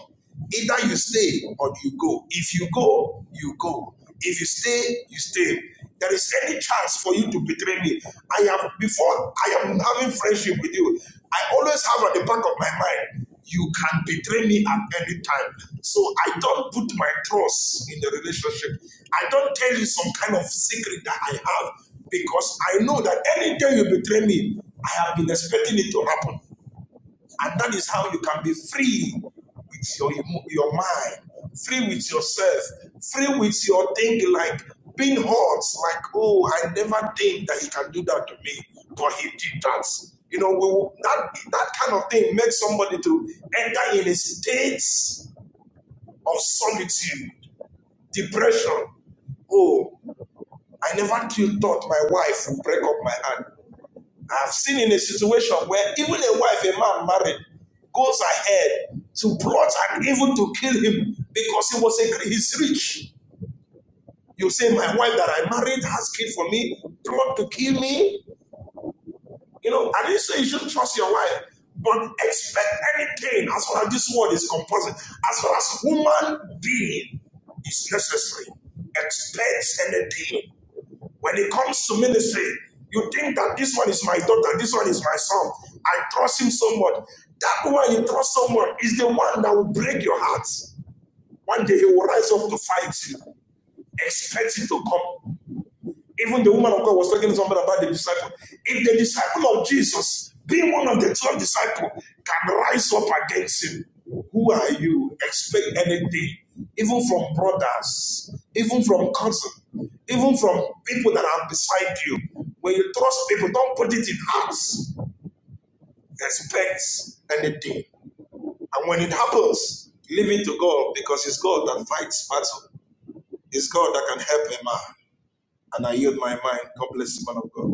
Either you stay or you go. If you go, you go. If you stay, you stay. There is any chance for you to betray me. I have before I am having friendship with you. I always have at the back of my mind. You can betray me at any time. So I don't put my trust in the relationship. I don't tell you some kind of secret that I have because I know that any day you betray me, I have been expecting it to happen. And that is how you can be free with your, your mind, free with yourself, free with your thing like being hurt, like, oh, I never think that he can do that to me, but he did that. You know, we will, that, that kind of thing makes somebody to enter in a state of solitude, depression. Oh, I never thought my wife would break up my heart. I've seen in a situation where even a wife, a man married, goes ahead to plot and even to kill him because he was a he's rich. You say, my wife that I married has kid for me, plot to kill me. You know, I didn't say you shouldn't trust your wife, but expect anything as far as this world is composed, as far as human being is necessary. Expect anything. When it comes to ministry, you think that this one is my daughter, this one is my son. I trust him so much. That one you trust so much is the one that will break your heart. One day he will rise up to fight you. Expect it to come. Even the woman of God was talking to somebody about the disciple. If the disciple of Jesus, being one of the 12 disciples, can rise up against him, who are you? Expect anything, even from brothers, even from cousins, even from people that are beside you. When you trust people, don't put it in hearts. Expect anything. And when it happens, leave it to God because it's God that fights battle. It's God that can help a man. And I yield my mind. God bless the man of God.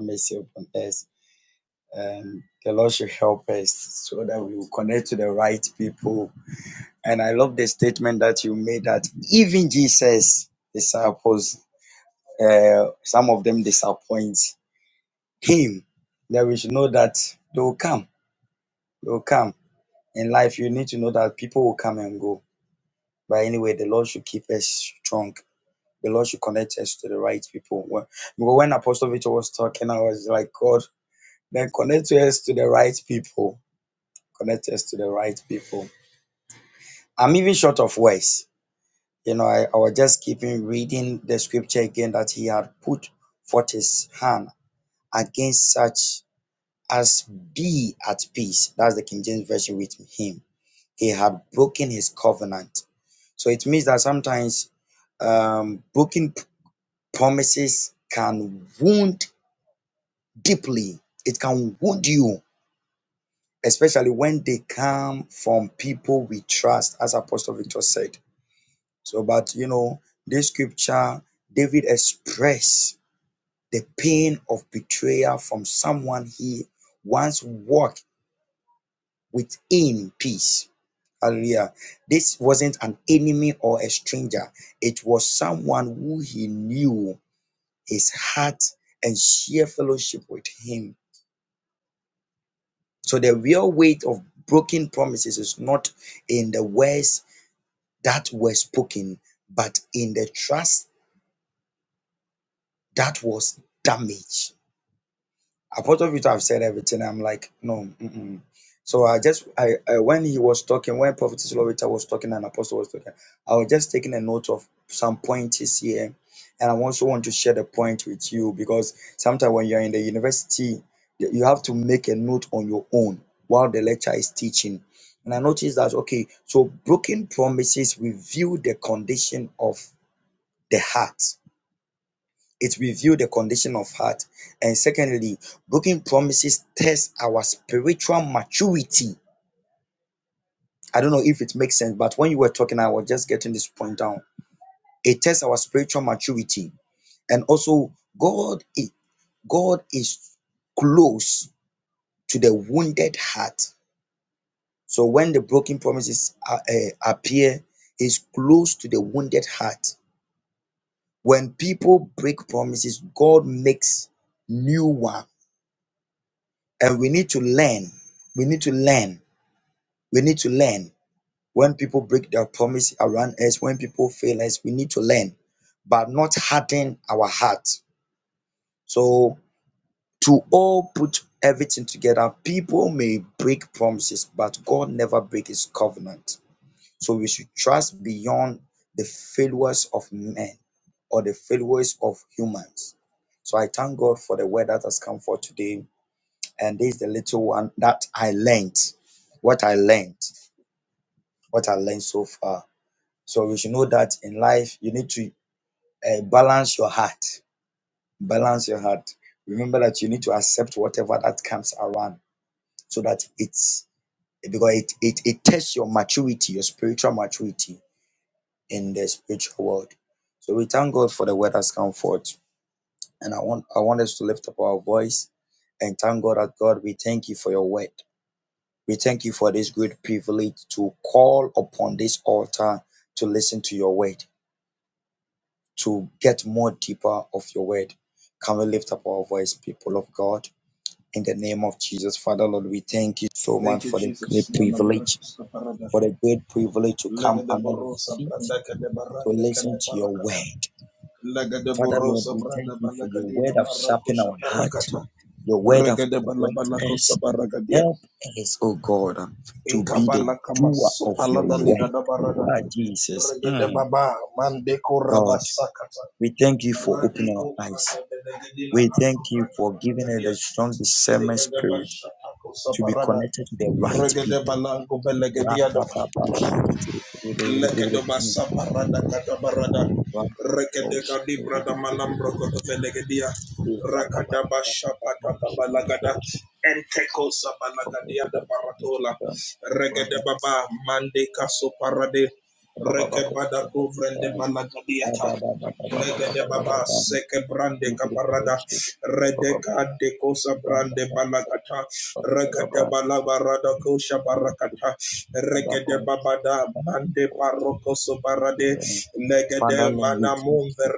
Mercy upon us. And the Lord should help us so that we will connect to the right people. And I love the statement that you made that even Jesus' disciples Uh, some of them disappoint him. That we should know that they will come. They will come. In life, you need to know that people will come and go. But anyway, the Lord should keep us strong. The Lord should connect us to the right people. When, because when Apostle Victor was talking, I was like, God, then connect us to the right people. Connect us to the right people. I'm even short of words. You know, I, I was just keeping reading the scripture again that he had put forth his hand against such as be at peace. That's the King James Version with him. He had broken his covenant. So it means that sometimes um, broken promises can wound deeply. It can wound you, especially when they come from people we trust, as Apostle Victor said. So, but you know, this scripture, David expressed the pain of betrayal from someone he once walked with him peace. Hallelujah. This wasn't an enemy or a stranger. It was someone who he knew his heart and share fellowship with him. So the real weight of broken promises is not in the words that were spoken, but in the trust that was damaged. I thought of you to have said everything. I'm like, no. Mm-mm. So I just, I, I when he was talking, when Prophet Slovita was talking and Apostle was talking, I was just taking a note of some points here. And I also want to share the point with you because sometimes when you're in the university, you you have to make a note on your own while the lecturer is teaching. And I noticed that, okay, so broken promises reveal the condition of the heart it reveals the condition of heart. And secondly, broken promises test our spiritual maturity. I don't know if it makes sense, but when you were talking, I was just getting this point down. It tests our spiritual maturity. And also, God is, God is close to the wounded heart. So when the broken promises uh, uh, appear, He's close to the wounded heart. When people break promises, God makes new one And we need to learn. We need to learn. We need to learn. When people break their promise around us, when people fail us, we need to learn, but not harden our heart. So, to all put everything together, people may break promises, but God never breaks his covenant. So, we should trust beyond the failures of men or the failures of humans. So, I thank God for the word that has come for today. and this is the little one that I learned. What I learned, what I learned so far. So we should know that in life you need to uh, balance your heart, balance your heart. Remember that you need to accept whatever that comes around, so that it's because it it, it tests your maturity, your spiritual maturity in the spiritual world. So we thank God for the word that's come forth, and I want I want us to lift up our voice and thank God that God we thank you for your word. We thank you for this great privilege to call upon this altar to listen to your word, to get more deeper of your word. Can we lift up our voice, people of God, in the name of Jesus? Father, Lord, we thank you so
Thank
much
you,
for the
Jesus.
great privilege,
Manabarakuska parada.
for the great privilege to
Lega
come
de
under your
borosa
feet
branda
to
rande
listen
kende
to your
barakata.
word.
Lega de
Father, Lord,
borosa
we thank
branda
you for your
balagadina
word of sharpening
marakusha
our heart,
parakata.
your word of
Rega de
correct
balabalakosa
us.
baragadia.
Help us, oh God, to
Inka
be the
balakama
doer of
supala
your word
daliga da barada.
Ah, Jesus.
Rega de
Mm,
baba mandeko
God,
rabasakata.
we thank you for opening
Radeko
our eyes.
branda
We
ando
thank you
fraka
for giving us
balagadia.
the strong
Nega
discernment spirit to be connected to the right people. Ra, ba, ba, ba, shake it. Mm, ra, ba, ba, ba, shake it.
dia
Eh, ba, ba, ba, ba, ba, shake it. Ba, ba, ba, ba, ba, shake
datola.
it.
Rega
Ra, ba,
de
ba,
baba mandeka soparade.
ba, ba, ba, shake it. Ra, ba, ba, ba,
Rebada de
Eh,
bata.
Ba, ba,
Lese Le-
ba, ba, ba, ba, ba. Father Lord, we thank you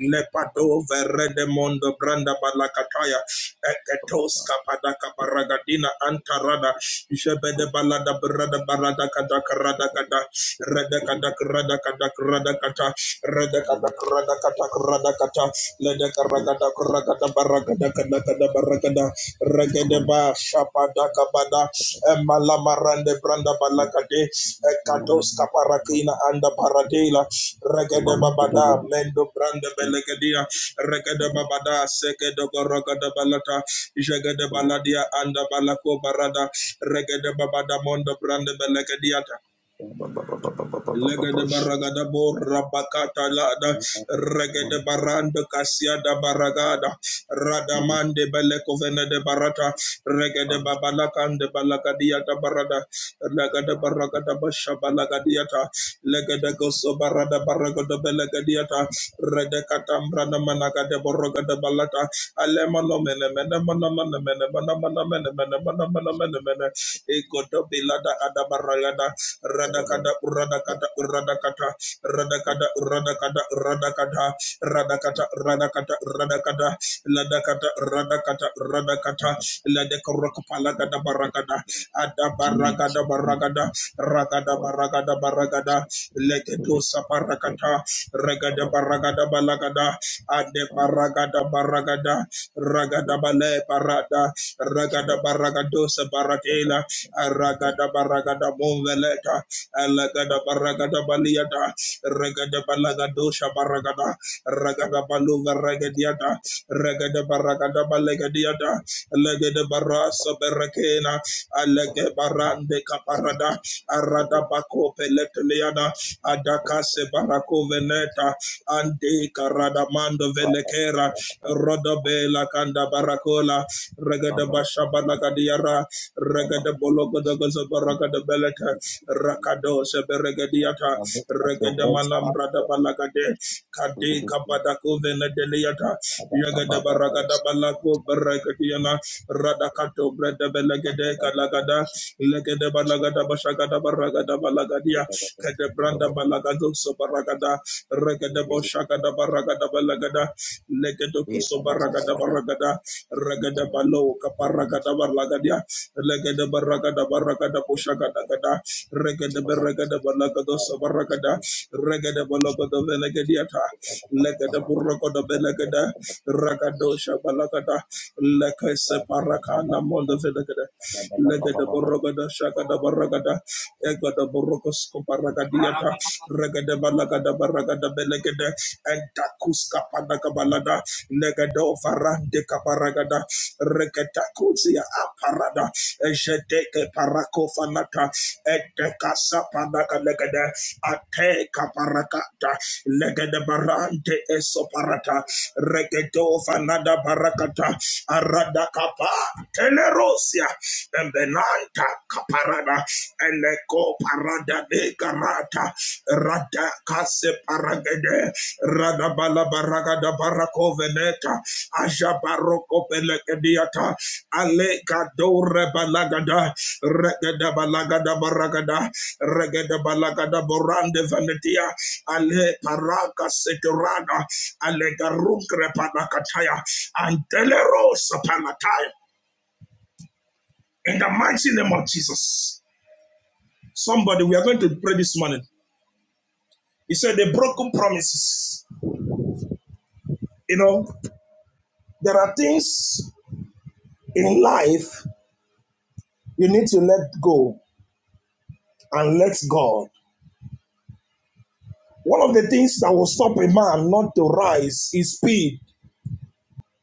Lepado verede mondo branda balakataya eketos kada jebede brada kada krada kada
for
rede kada
Jesus,
krada kada krada kata rede kada krada kata krada kata lede kada kada krada barakada kada kada barakada regede ba shapada kabada emala marande branda balakade ekatos kaparakina anda paradela
we
Regada Babada, Mendo Branda Belegadia, Regada Babada, Sekedo Gorogada Balata, Jagada Baladia, Anda Balako Barada, Regada Babada Mondo Branda Belegadia, Legede baragada borra bakata lada regede barando kasia da baragada radamande bele kovene de barata regede babalakande balakadia da barada legede baragada basha balagadia ta legede goso barada baragada belagadia ta rede katambra na managa de boroga de balata alema no mene mene mana mana mene mana mana mene mene mana mana mene mene ekoto bilada ada baragada radakada radakata radakata radakada radakata radakata radakata radakata radakata ladakata radakata radakata ladakorakapalagada barakada adabaragada baragada ragada
away.
baragada baragada legedosa barakata regada baragada balagada ade baragada baragada Ragadabale Parada, Ragadabaragadosa Baratela, Ragadabaragada Moveleta, Alagadabaragadabaliada, Ragadabalagadosa Baragada, Ragadabaluva Ragadiada, Ragadabaragadabalegadiada, Legadabarasa Berakena, Alegabarande Caparada, Aradabako Peleteliada, Adakase Barako Veneta, Ande Karadamando Velekera, Rodobela Kanda Barakola, Regada Bashabalagadiara, Regada Bologodogozo Baragada Beleta, Rakado Seberegadiata,
Lift up your
Regada
voice up
Malambrada
there.
Balagade, Kade Kabadako Venedeliata, Yagada Baragada Balako Baragadiana, Radakato Breda Belegade Kalagada, Legade Balagada Bashagada Baragada Balagadia, Kade Branda Balagado Sobaragada, Regada Boshagada Baragada Balagada, legado kosoba ragada baragada ragada balo kaparagada barlagadia legada baragada baragada koshagada gada regada baragada balagado sabaragada regada balagado velegadiata legada buragada belegada ragado shabalagada lekese parakana mondo velegada Legada
Mm.
Borogada Shagada Baragada Egada Borogosco Baragadiata Regada Balagada Baragada Belegada and Takuska Panagabalada Legado Varande Caparagada Regatacuzia Aparada Ejedeke Paraco Fanata Edekasa Panaga Legada Ate Caparacata Legada Barante Esoparata Regedo Fanada Barakata Arada Capa Telero Rosia, and Benanta Caparada, and Eco Parada de Garata, Rada Case Paragade, Rada Balabaraga da Baraco Veneta, Aja Barroco Pelecadiata, Alega Dore Balagada, Regada Balagada Baragada, Regada Balagada Borande Venetia, Ale Paraga Setorada, Ale Garucre Panacataya, and Telerosa Panataya. In the mighty name of Jesus. Somebody, we are going to pray this morning. He said, The broken promises. You know, there are things in life you need to let go and let God. One of the things that will stop a man not to rise is speed,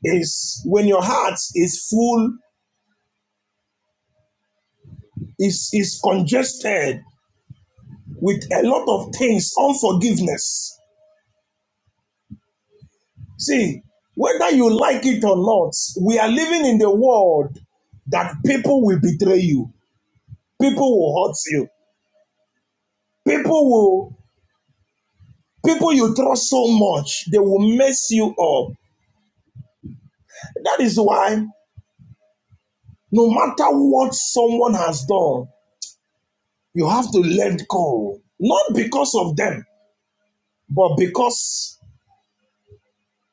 is when your heart is full, is, is congested with a lot of things, unforgiveness. See, whether you like it or not, we are living in the world that people will betray you. People will hurt you. People will, people you trust so much, they will mess you up. That is why, no matter what someone has done, you have to let go. Not because of them, but because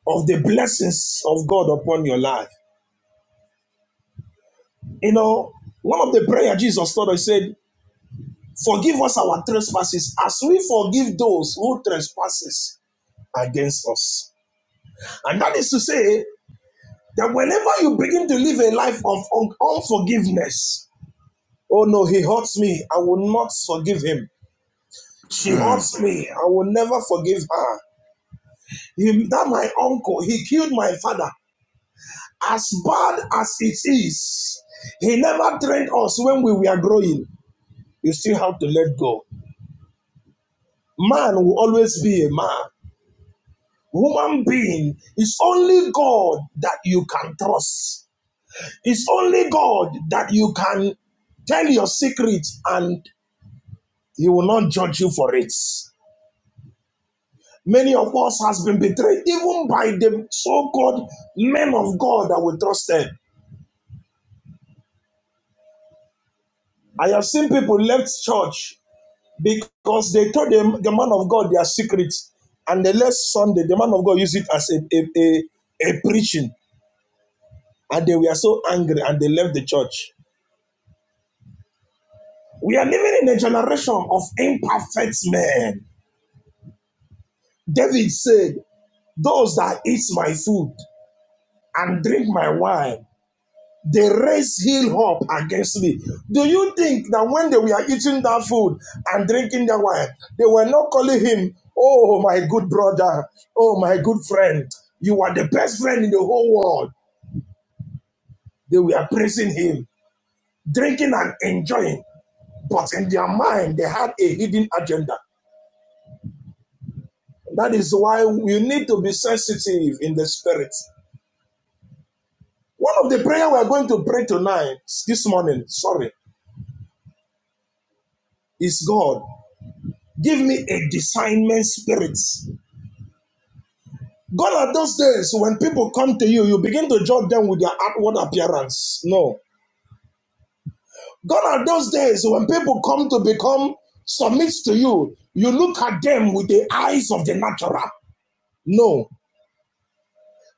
of the blessings of God upon your life. You know, one of the prayer Jesus taught us said, Forgive us our trespasses as we forgive those who trespasses against us. And that is to say, That whenever you begin to live a life of unforgiveness, oh no, he hurts me, I will not forgive him. She hurts me, I will never forgive her. Him, that my uncle, he killed my father. As bad as it is, he never trained us when we were growing. You still have to let go. Man will always be a man. Human being is only God that you can trust. It's only God that you can tell your secrets and He will not judge you for it. Many of us has been betrayed even by the so-called men of God that we trusted. I have seen people left church because they told the, the man of God their secrets and the last Sunday the man of God used it as a, a, a, a preaching and they were so angry and they left the church. We are living in a generation of imperfect men. David said, Those that eat my food and drink my wine They raised him up against me. Do you think that when they were eating that food and drinking that wine, they were not calling him, Oh, my good brother, oh, my good friend, you are the best friend in the whole world? They were praising him, drinking and enjoying. But in their mind, they had a hidden agenda. That is why we need to be sensitive in the spirit. One of the prayer we are going to pray tonight, this morning, sorry, is God. Give me a discernment spirit. Gone are those days when people come to you, you begin to judge them with their outward appearance. No. Gone are those days when people come to become submit to you, you look at them with the eyes of the natural. No.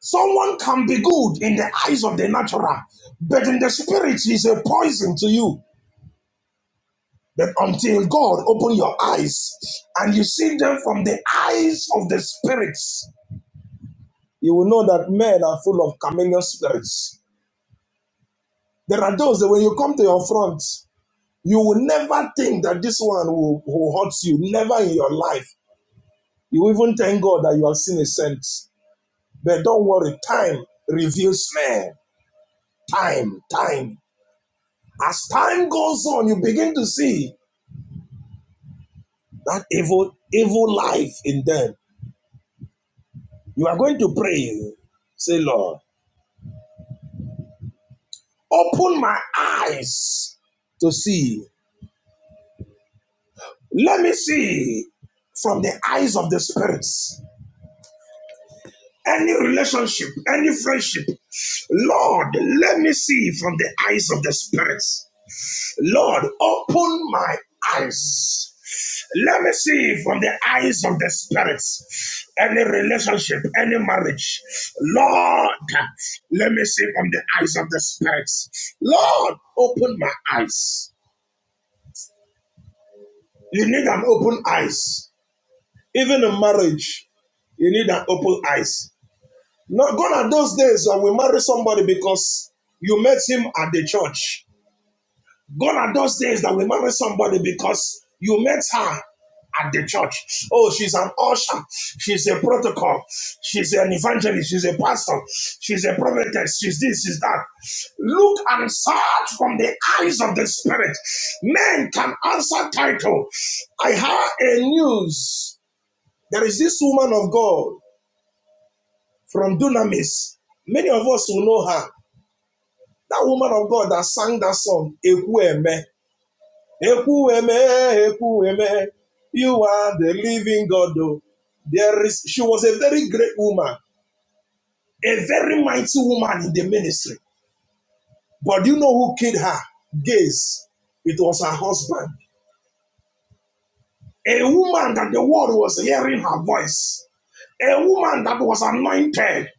Someone can be good in the eyes of the natural, but in the spirit is a poison to you. But until God open your eyes and you see them from the eyes of the spirits, you will know that men are full of chameleon spirits. There are those that when you come to your front, you will never think that this one will, will hurt you, never in your life. You even thank God that you have seen a saint. But don't worry, time reveals men. Time, time. As time goes on, you begin to see that evil, evil life in them. You are going to pray, say, Lord, open my eyes to see. Let me see from the eyes of the spirits. Any relationship, any friendship. Lord, let me see from the eyes of the spirits. Lord, open my eyes. Let me see from the eyes of the spirits. Any relationship, any marriage. Lord, let me see from the eyes of the spirits. Lord, open my eyes. You need an open eyes. Even in marriage, you need an open eyes. Not gone are those days that we marry somebody because you met him at the church. Gone are those days that we marry somebody because you met her at the church. Oh, she's an usher. She's a protocol. She's an evangelist. She's a pastor. She's a prophetess. She's this, she's that. Look and search from the eyes of the spirit. Men can answer title. I have a news. There is this woman of God from Dunamis. Many of us will know her. That woman of God that sang that song, Ekweme. Ekweme, Ekweme. You are the living God, though. There is, she was a very great woman, a very mighty woman in the ministry. But do you know who killed her? Gaze. It was her husband. A woman that the world was hearing her voice. A woman that was anointed.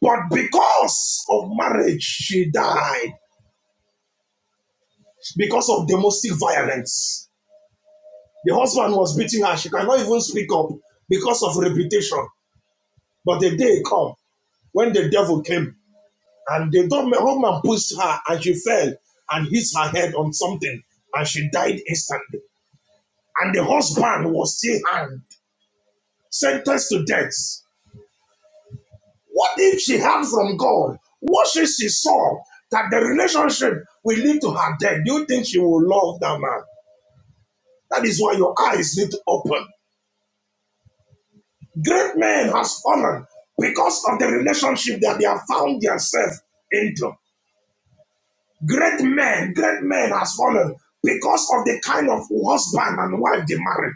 But because of marriage, she died. Because of domestic violence. The husband was beating her. She cannot even speak up because of reputation. But the day come when the devil came and the dumb- woman pushed her and she fell and hit her head on something and she died instantly. And the husband was still hanged, sentenced to death. What if she heard from God? What if she saw that the relationship will lead to her death? Do you think she will love that man? That is why your eyes need to open. Great men has fallen because of the relationship that they have found themselves into. Great men, great men has fallen because of the kind of husband and wife they married.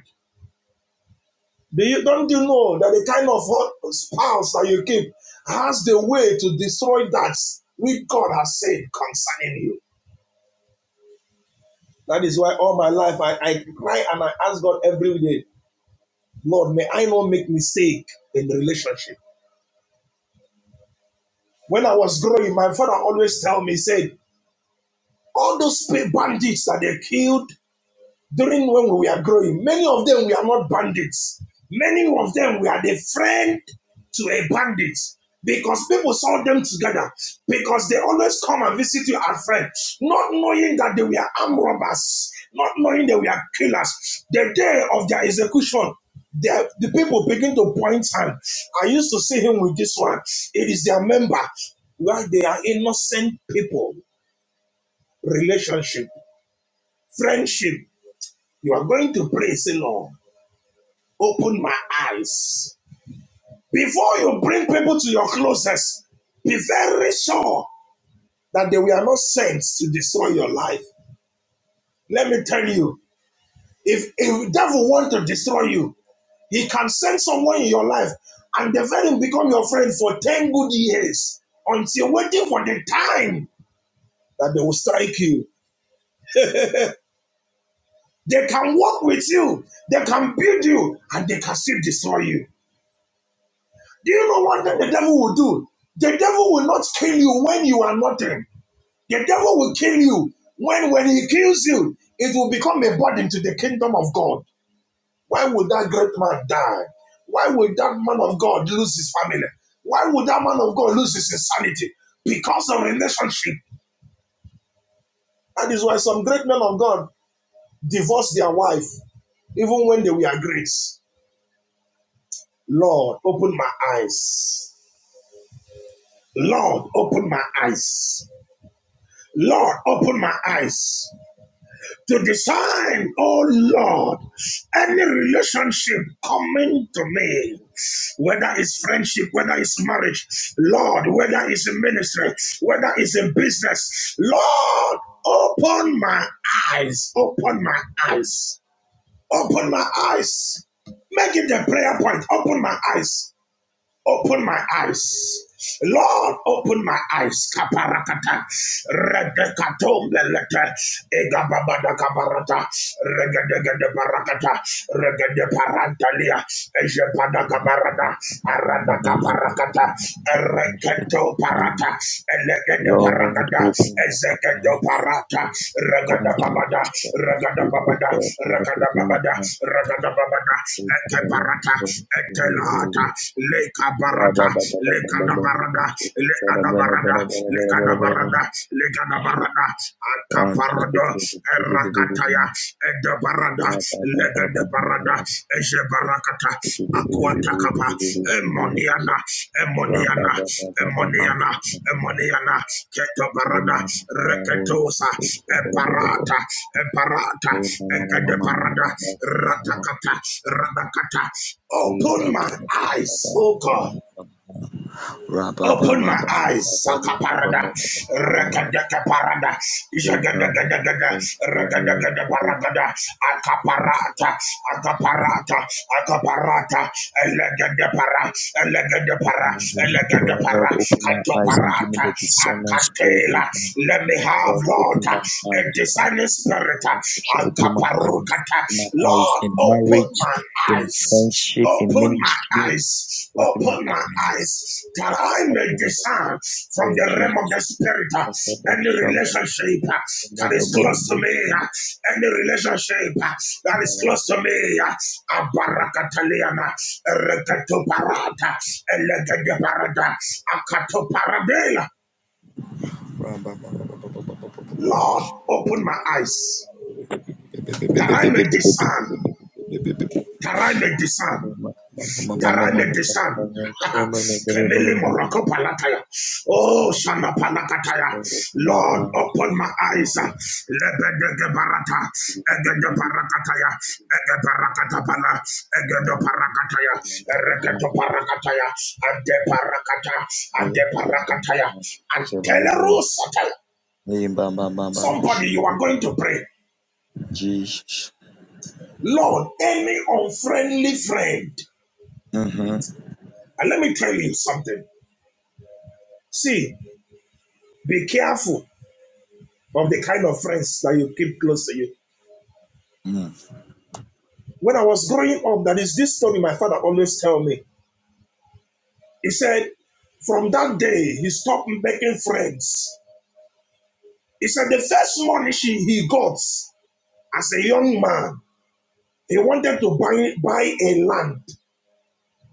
Do you don't you know that the kind of spouse that you keep has the way to destroy that which God has said concerning you? That is why all my life I, I cry and I ask God every day, Lord, may I not make mistake in the relationship. When I was growing, my father always tell me, said, all those bandits that they killed during when we are growing. Many of them we are not bandits. Many of them we are the friend to a bandit because people saw them together because they always come and visit you as friends, not knowing that they were armed robbers, not knowing they were killers. The day of their execution, the, the people begin to point hand. I used to see him with this one. It is their member. Where they are innocent people, relationship, friendship. You are going to pray, say, Lord. Open my eyes. Before you bring people to your closest, be very sure that they were not sent to destroy your life. Let me tell you, if if devil want to destroy you, he can send someone in your life and the very become your friend for 10 good years until waiting for the time that they will strike you. They can walk with you, they can build you, and they can still destroy you. Do you know what the devil will do? The devil will not kill you when you are nothing. The devil will kill you when, when he kills you, it will become a burden to the kingdom of God. Why would that great man die? Why would that man of God lose his family? Why would that man of God lose his insanity? Because of relationship. That is why some great men of God divorce their wife, even when they were great. Lord, open my eyes. Lord, open my eyes. Lord, open my eyes to discern, oh Lord, any relationship coming to me, whether it's friendship, whether it's marriage, Lord, whether it's a ministry, whether it's a business, Lord, open my eyes, open my eyes, open my eyes. Make it the prayer point, open my eyes open my eyes. Lord, open my eyes. Kaparakata. Redekatombelete. Egababada kabarata. Regedegede barakata. Regede parantalia. Ejepada kabarada. Arada kaparakata. Ereketo parata. Elegede
Lord,
paragada.
open my
Ezekiel
eyes
Parata,
and
Ragada
grant me the
Babada,
strength servant's
Ragada
spirit, O
Babada,
God. Lord,
Ragada
open
Babada, Ragada Babada, Eke Parata, Eke Lata, Leka Barata, Leka da Barada, Leka da
my
Barada, Leka da Barada, Leka da Barada,
eyes.
Akaparada, Erakataya, Ede barada legende barada eje barakata akuatakapa emoniana emoniana emoniana emoniana keto
Lord,
parada,
open my
reketosa emparata emparata ekede barada ratakata radakata open my eyes oh god Open my eyes, Sakaparada, Rekadeka Parada, Jagadagadagada, Regadagada Paragada, Akaparata, Akaparata, Akaparata, Elegadapara, Elegadapara, Elegadapara,
eyes and give me
Katoparata,
the discernment spirit.
Akatela. Let me have,
Lord,
Lord,
open
a
my eyes. O
discerning spirit,
Open my eyes.
Akaparukata,
Open my eyes
Lord,
in
open
marriage,
my
in
eyes.
friendship, in
Open my
ministry.
eyes.
Open my
Open my
eyes.
eyes that I may discern from
Oh
the realm of
Jesus.
the spirit uh,
Akaba
any
shamba
relationship
baba.
uh, that
Another
is
baba
close to
bush.
me, uh,
Baba
any relationship uh, that is
baba.
close to me. uh, Abarakataliana, Erekatoparata, Elegedeparata, Akatoparadela.
Ramba baba baba baba baba
Lord, open my eyes that I may discern, that I may discern. Garale de San, Kemele Morocco Palataya, Oh Shana Palakataya, Lord, open my eyes, Lebede de Barata, Ege de Parakataya, Ege Parakatapala, Ege de Parakataya, Ereketo Parakataya, Ade Parakata, Ade Parakataya, and Telerusataya. Somebody, you are going to pray,
Jesus.
Lord, any unfriendly friend.
Mm-hmm.
And let me tell you something. See, be careful of the kind of friends that you keep close to you. When I was growing up, that is this story my father always tell me. He said, from that day, he stopped making friends. He said the first money he got as a young man, he wanted to buy, buy a land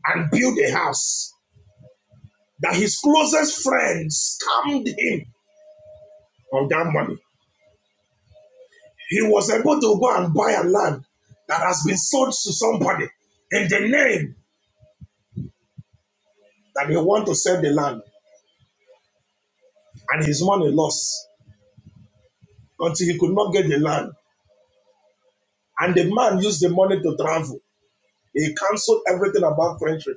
and build a house that his closest friends scammed him of that money. He was able to go and buy a land that has been sold to somebody in the name that they want to sell the land. and his money lost until he could not get the land. And the man used the money to travel. He canceled everything about friendship.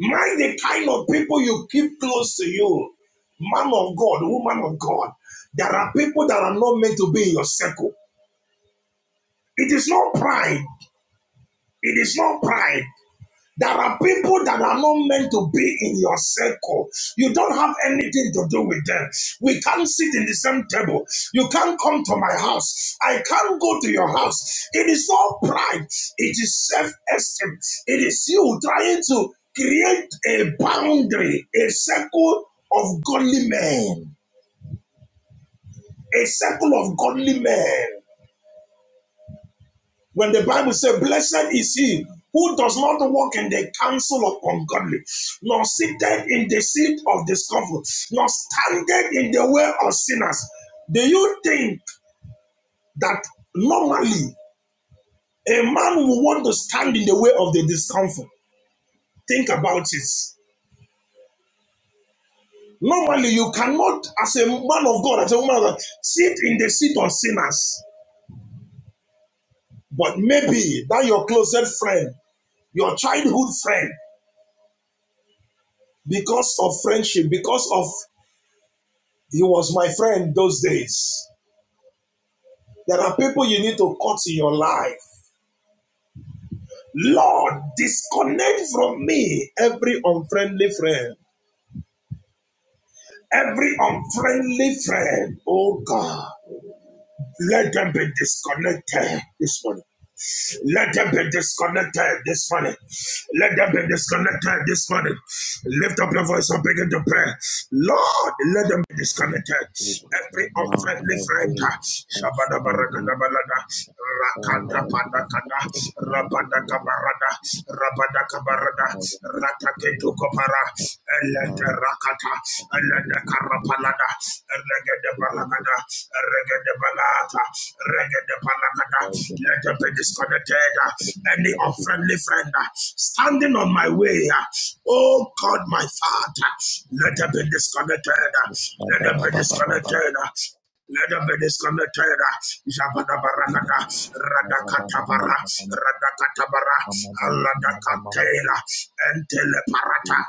Mind the kind of people you keep close to you. Man of God, woman of God. There are people that are not meant to be in your circle. It is not pride. It is not pride. There are people that are not meant to be in your circle. You don't have anything to do with them. We can't sit in the same table. You can't come to my house. I can't go to your house. It is not pride, it is self esteem. It is you trying to create a boundary, a circle of godly men, a circle of godly men. When the Bible says, Blessed is he who does not walk in the counsel of ungodly, nor sitteth in the seat of discomfort, nor standeth in the way of sinners. Do you think that normally a man will want to stand in the way of the discomfort? Think about it. Normally, you cannot, as a man of God, as a woman of God, sit in the seat of sinners. But maybe that your closet friend, your childhood friend, because of friendship, because of He was my friend those days. There are people you need to cut in your life. Lord, disconnect from me every unfriendly friend. Every unfriendly friend. Oh God, let them be disconnected this morning. Let them be disconnected this morning. Let them be disconnected this morning. Lift up your voice and begin to pray. Lord, let them be disconnected.
He could
Every
not have
unfriendly friend.
been
Shabada
outstanding
baragada balada.
or let
Rakada
him be
panakada.
affected my life
Rabada
in the
kabarada. Rabada kabarada. Rataketu kopara. Elete
world.
rakata. Elete karapalada. Elete baragada palakada, regede balata, regede palakada. Let them be disconnected. Any unfriendly friend uh, standing on my way, uh, oh God, my Father, let them be disconnected. uh, Let them be disconnected. uh, let them be disconnected. Jabadabaragada, Radakatabara, Radakatabara, Aladakatela, Enteleparata,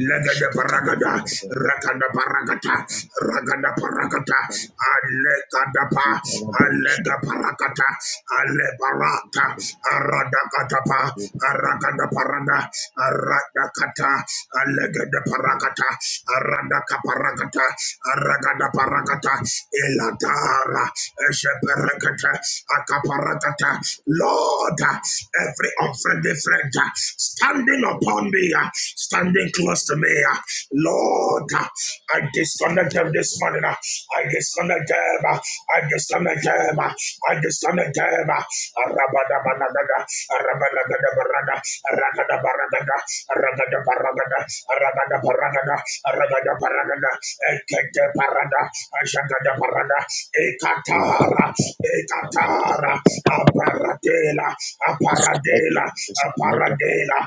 Legada paragada, rakada paragata, ragada paragata, alekadapa, alega paragata, ale barata, aradakatapa, aragada parada, aradakata, alegada paragata, aradaka paragata, aragada paragata, elatara, Lord, every unfriendly friend uh, standing upon me, uh, standing close to me, uh, Lord, uh, I disconnect them this morning. uh, I disconnect them. uh, I disconnect them. uh, I disconnect them. uh, Ragada Paragada, Ragada Paragada, Ragada Paragada, Ragada Paragada, Ekete Parada, Ashagada Parada, Ekatara, Ekatara, Aparadela,
Disconnect them,
Aparadela,
disconnect them,
Aparadela,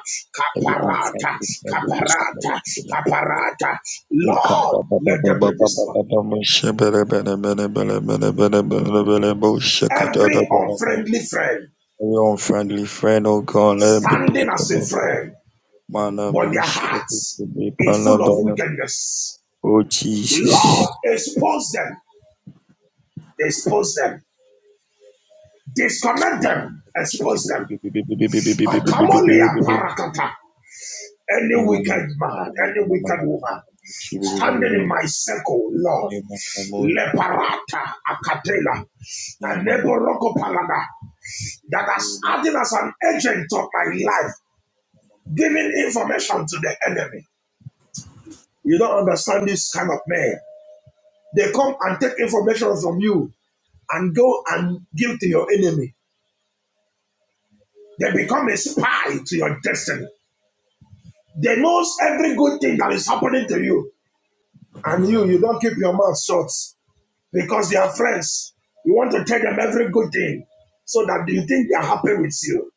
every
Caparata,
unfriendly, every
Caparata,
disconnect.
Caparata.
Your
Lord,
unfriendly
let them be destroyed. Every unfriendly friend,
friend, oh God, let him be
standing as a
disconnected.
friend,
Mana
but their
bullshit,
hearts is full of wickedness
oh
Lord,
Jesus.
expose them, expose them, disconnect them, expose them. I come only a parakata. Any wicked man, any wicked woman, standing in my circle, Lord. Leparata akatela, and neboroko palada, that has acted as an agent of my life, giving information to the enemy. You don't understand this kind of man. They come and take information from you and go and give to your enemy. They become a spy to your destiny. They knows every good thing that is happening to you. And you, you don't keep your mouth shut because they are friends. You want to tell them every good thing so that you think they are happy with you.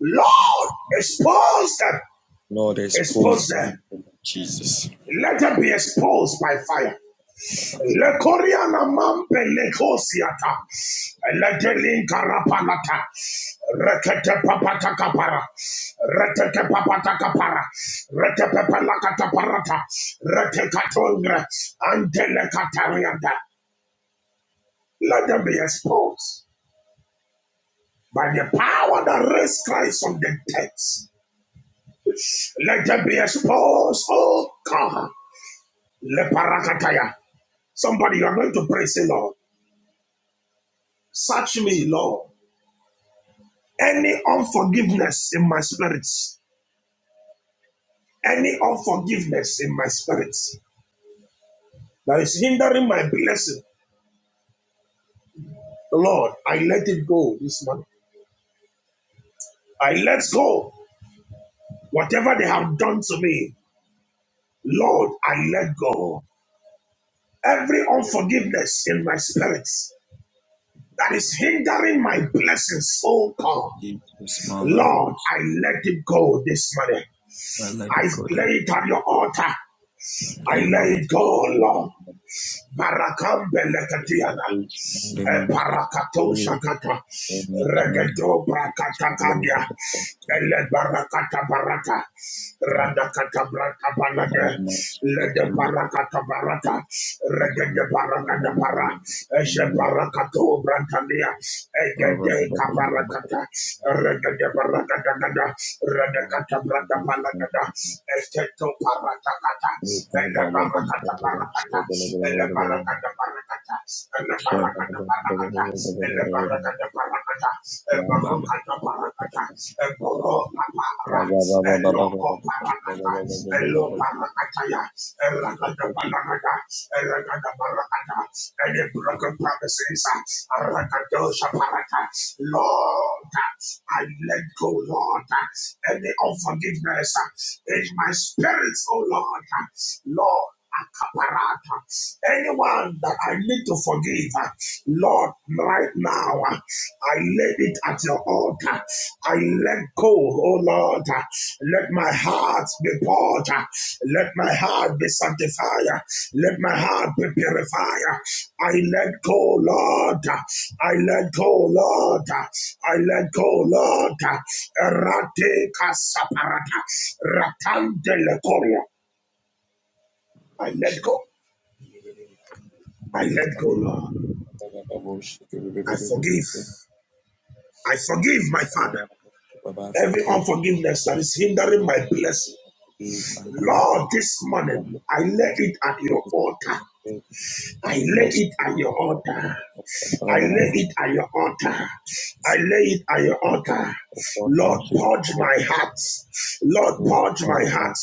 Lord, expose them.
Lord, expose
Expose
them,
them.
in the name of Jesus.
Let them be exposed by fire. Le coriana mampe le cosiata, le delinca rapanata, rekete papata capara, retete papata capara, retepe pelacata parata, retecatongra, ante le catarianda. Let them be exposed by the power that raised Christ from the dead. Let them be exposed, oh God. Le parakataya. Somebody, you are going to pray, say, Lord, search me, Lord. Any unforgiveness in my spirit, any unforgiveness in my spirit that is hindering my blessing, Lord, I let it go this morning. I let go whatever they have done to me. Lord, I let go every unforgiveness in my spirit that is hindering my blessings. Oh God,
Give him small
Lord,
elbows.
I let it go this morning.
I let
I
it go to
lay it
God.
on your altar. I
Leave
let
my
it go, Lord. Barakam belekatiana.
cabbage. Leave
E
my mistake.
Parakato
Leave
Shakata
any change.
Regato
Small elbows
Brakatakadia
at the doctor.
Ele Barakata Barata
God.
Radakata Brata
Mama,
Balade
much. They tell
Lede
me.
Barakata Barata
mama,
Regede
little bit. Leave my mama, mama,
Barakata
mama,
Para Eshe
mama, mama.
Barakato Brantania
Baba,
Egede
baba, baba,
Kabarakata Regede Barakata Gada
Mama,
Redakata
mama,
Brata
mama, mama.
Balagada Esteto Barakata Ele Barakata Barakata Ele Barakata
Baba,
any broken promises, uh, Rakadosha Lord, I let go, Lord, any unforgiveness uh, in my spirits, oh Lord, Lord. Kaparata. Anyone that I need to forgive, uh, Lord, right now, uh, I lay it at your altar. I let go, oh Lord. uh, Let my heart be poured. uh, Let my heart be sanctified. uh, Let my heart be purified. uh, I let go, Lord. uh, I let go, Lord. uh, I let go, Lord. uh, Erate kasaparata. Ratante lekoria. I let go. I let go, Lord. I forgive. I forgive my Father. Every
forgive,
unforgiveness that is hindering my blessing.
forgive my mom,
Lord,
my
this morning I lay
goodness,
it at your altar. I
my
lay
blessed
it at your
football,
altar. I lay
all of us,
it at your altar. I lay it at your altar.
God, man,
Lord,
she can
purge
forget
my heart. Lord,
the rest
purge
of
my
my
heart.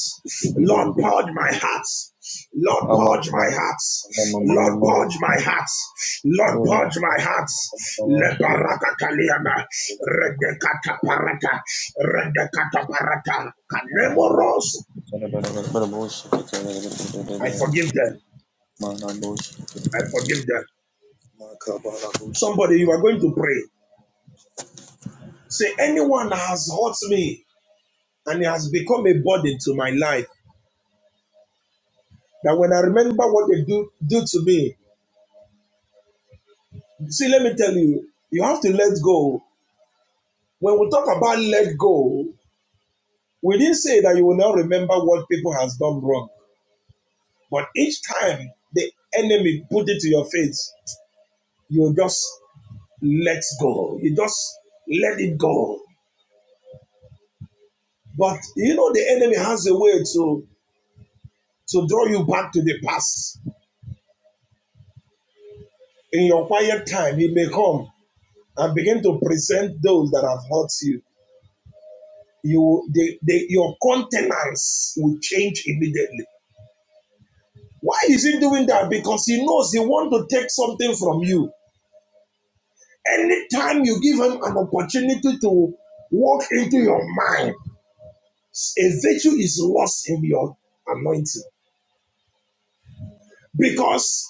Lord, purge my heart. Lord,
Mama,
purge my
mama,
heart.
mama,
Lord,
mama,
purge my heart. Lord,
mama,
purge my heart.
mama,
Leparakataliana.
mama,
Redekata
mama,
parata. Redekata parata.
Yes, Lord
Kanemoros. I forgive them. I forgive them. Somebody, you are going to pray. Say, anyone has hurt me and it has become a burden to my that when I day. See, let me tell you, let us go. When we talk about let go, we didn't say that you will not remember what people has done wrong. But each time the enemy put it to your face, you just let go. You just let it go. But you know the enemy has a way to to draw you back to the past. In your quiet time, he may come and begin to present those that have hurt you you the the your countenance will change immediately. Why is he doing that? Because he knows he wants to take something from you. Anytime you give him an opportunity to walk into your mind, a virtue is lost in your anointing because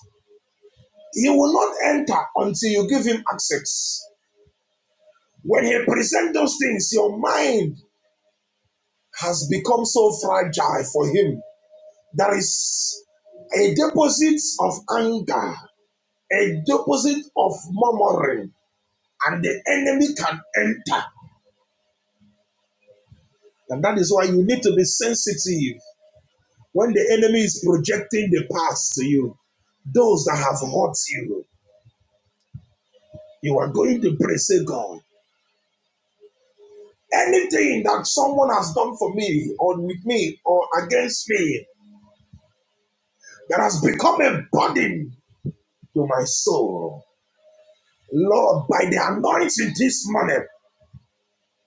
he will not enter until you give him access. When he presents those things, your mind has become so fragile for him. There is a deposit of anger a deposit of murmuring, and the enemy can enter. And that is why you need to be sensitive when the enemy is projecting the past to you. Those that have hurt you, you are going to pray, say, God, anything that someone has done for me, or with me, or against me, that has become a burden to my soul. Lord, by the anointing this morning,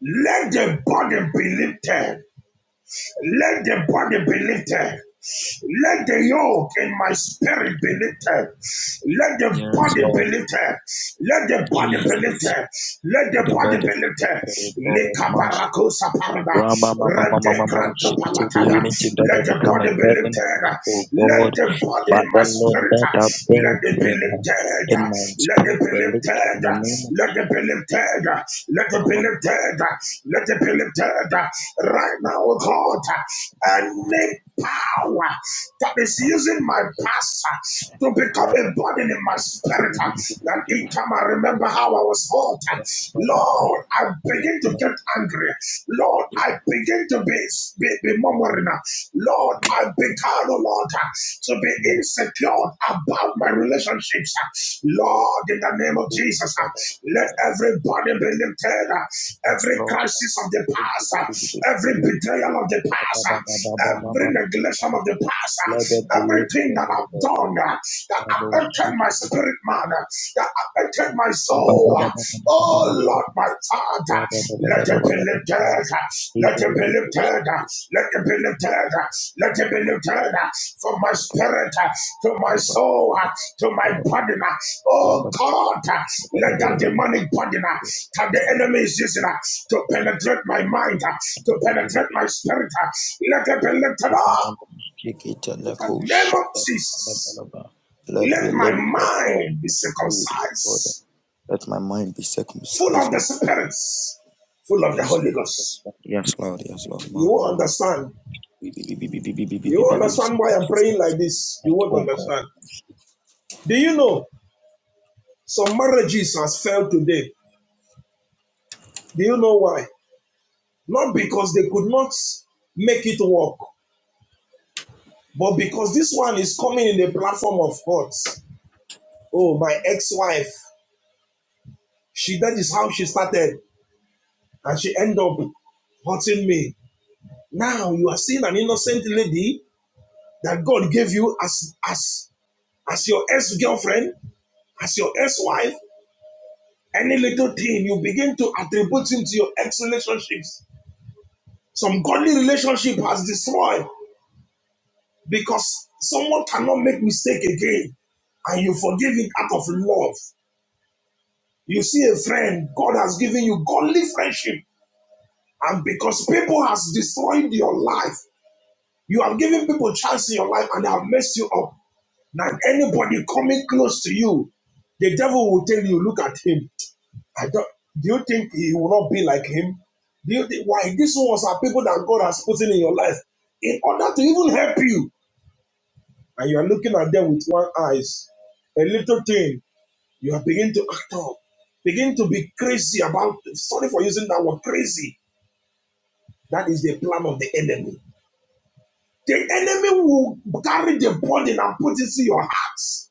let the burden be lifted. Let the body be lifted. Let the yoke in my spirit be lifted. Let the body be lifted. Let the body be
Jesus,
lifted. Let the
let the
body
burden
be
be
lifted.
lifted, O God. Mash.
Likabarakosa parada.
Rama mama mama mama
Redekranto
shikiti
palataya.
divinity that
Let
has
the
become a
body be
burden on
lifted.
me, O
Let
God.
the body in my
Father Lord,
spirit.
let that
Let it be
burden
lifted.
in my
Let it
spirit
be lifted
be lifted in
lifted.
the name of
Let it be lifted. Let it be
Mama.
lifted. Let it be lifted. Right now, oh God, any power that is using my past uh, to become
Mama,
a burden in my spirit, uh, that each time I remember how I was hurt, uh, Lord, I begin to
Mama,
get angry. Lord, I begin to be, be, be murmuring. uh, Lord,
Mama.
I began, oh Lord, to be
Yes,
insecure about my relationships. Lord, in the name of Jesus, let everybody be lifted. Every
Lord.
crisis of the past, every betrayal of the past, every neglection of the
Let
past,
it be
everything
lifted,
that
O
I've
God.
done that
Father,
affected my spirit man, that affected my soul Oh Lord, my Father, let it be lifted, let it be lifted, let it be lifted, let it be lifted from my spirit to my soul to my body. Oh God, let that demonic body that the enemy is using to penetrate my mind, to penetrate my spirit, let it be lifted up
Shake it
in
let
the name of Jesus.
be
Let my
lifted, O
mind be
my spirit, O
circumcised.
Let my mind be
full
circumcised,
of the
O
spirits, full of the
Yes.
Holy
Yes,
Ghost.
Lord. Yes, Lord. Yes, Lord.
You
Mama,
won't
mama.
understand. You won't understand why I'm praying like this. You won't
Oh
understand.
God.
Do you know some marriages has failed today? Do you know why? Not because they could not make it work, but because this one is coming in the platform of God. Oh, my ex-wife, she that is how she started, and she ended up hurting me. Now you are seeing an innocent lady that God gave you as as as your ex-girlfriend, as your ex-wife, any little thing you begin to attribute him to your ex-relationships. Some godly relationship has destroyed because someone cannot make mistake again, and you forgive it out of love. You see a friend, God has given you godly friendship, and because people has destroyed your life, you have given people chance in your life and they have messed you up. Now anybody coming close to you, the devil will tell you, look at him. I don't, do you think he will not be like him? Do you think why these ones are people that God has put in, in your life in order to even help you? And you are looking at them with one eyes. A little thing, you are beginning to act up, begin to be crazy about sorry for using that word crazy. That is the plan of the enemy. The enemy will carry the burden and put it in your hearts.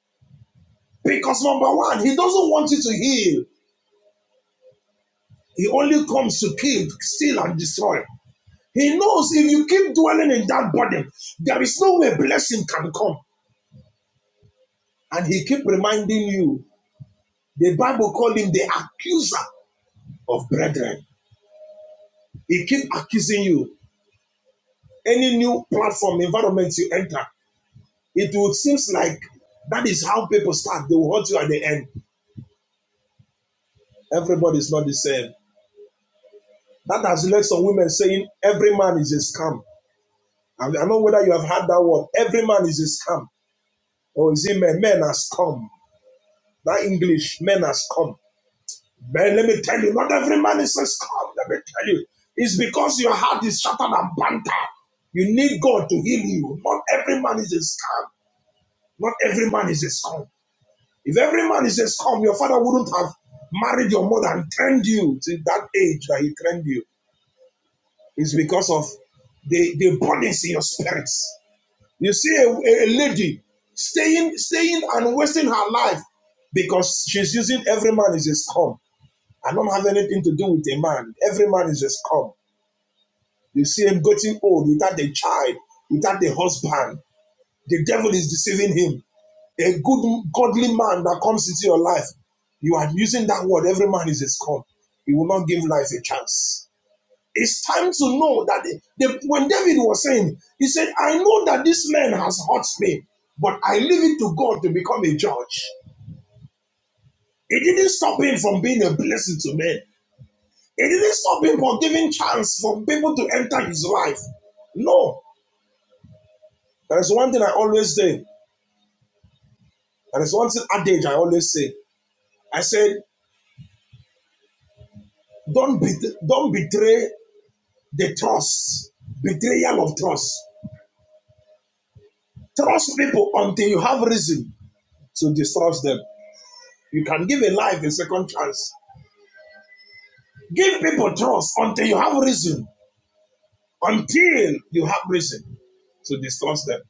Because number one, he doesn't want you to heal. He only comes to kill, steal, and destroy. He knows if you keep dwelling in that body, there is no way blessing can come. And he keep reminding you. The Bible called him the accuser of brethren. He keep accusing you. Any new platform environment you enter, it would seems like that is how people start. They will hurt you at the end. Everybody is not the same. That has led some women saying every man is a scam. I don't know whether you have heard that word. Every man is a scam. Or is it men? Men has come. That English, men has come. But let me tell you, not every man is a scum. Let me tell you, it's because your heart is shattered and bantered. You need God to heal you. Not every man is a scum. Not every man is a scum. If every man is a scum, your father wouldn't have married your mother and trained you to that age that he trained you. It's because of the, the burdens in your spirits. You see a, a lady staying, staying and wasting her life because she's using every man is a scum. I don't have anything to do with a man. Every man is a scum. You see him getting old without the child, without the husband. The devil is deceiving him. A good, godly man that comes into your life, you are using that word. Every man is a scum. He will not give life a chance. It's time to know that the, the- when David was saying, he said, I know that this man has hurt me, but I leave it to God to become a judge. It didn't stop him from being a blessing to men. It didn't stop him from giving chance for people to enter his life. No. There is one thing I always say. There is one thing adage I always say. I said, don't bet don't betray the trust. Betrayal of trust. Trust people until you have reason to distrust them. You can give a life a second chance. Give people trust until you have reason. Until you have reason to distrust them.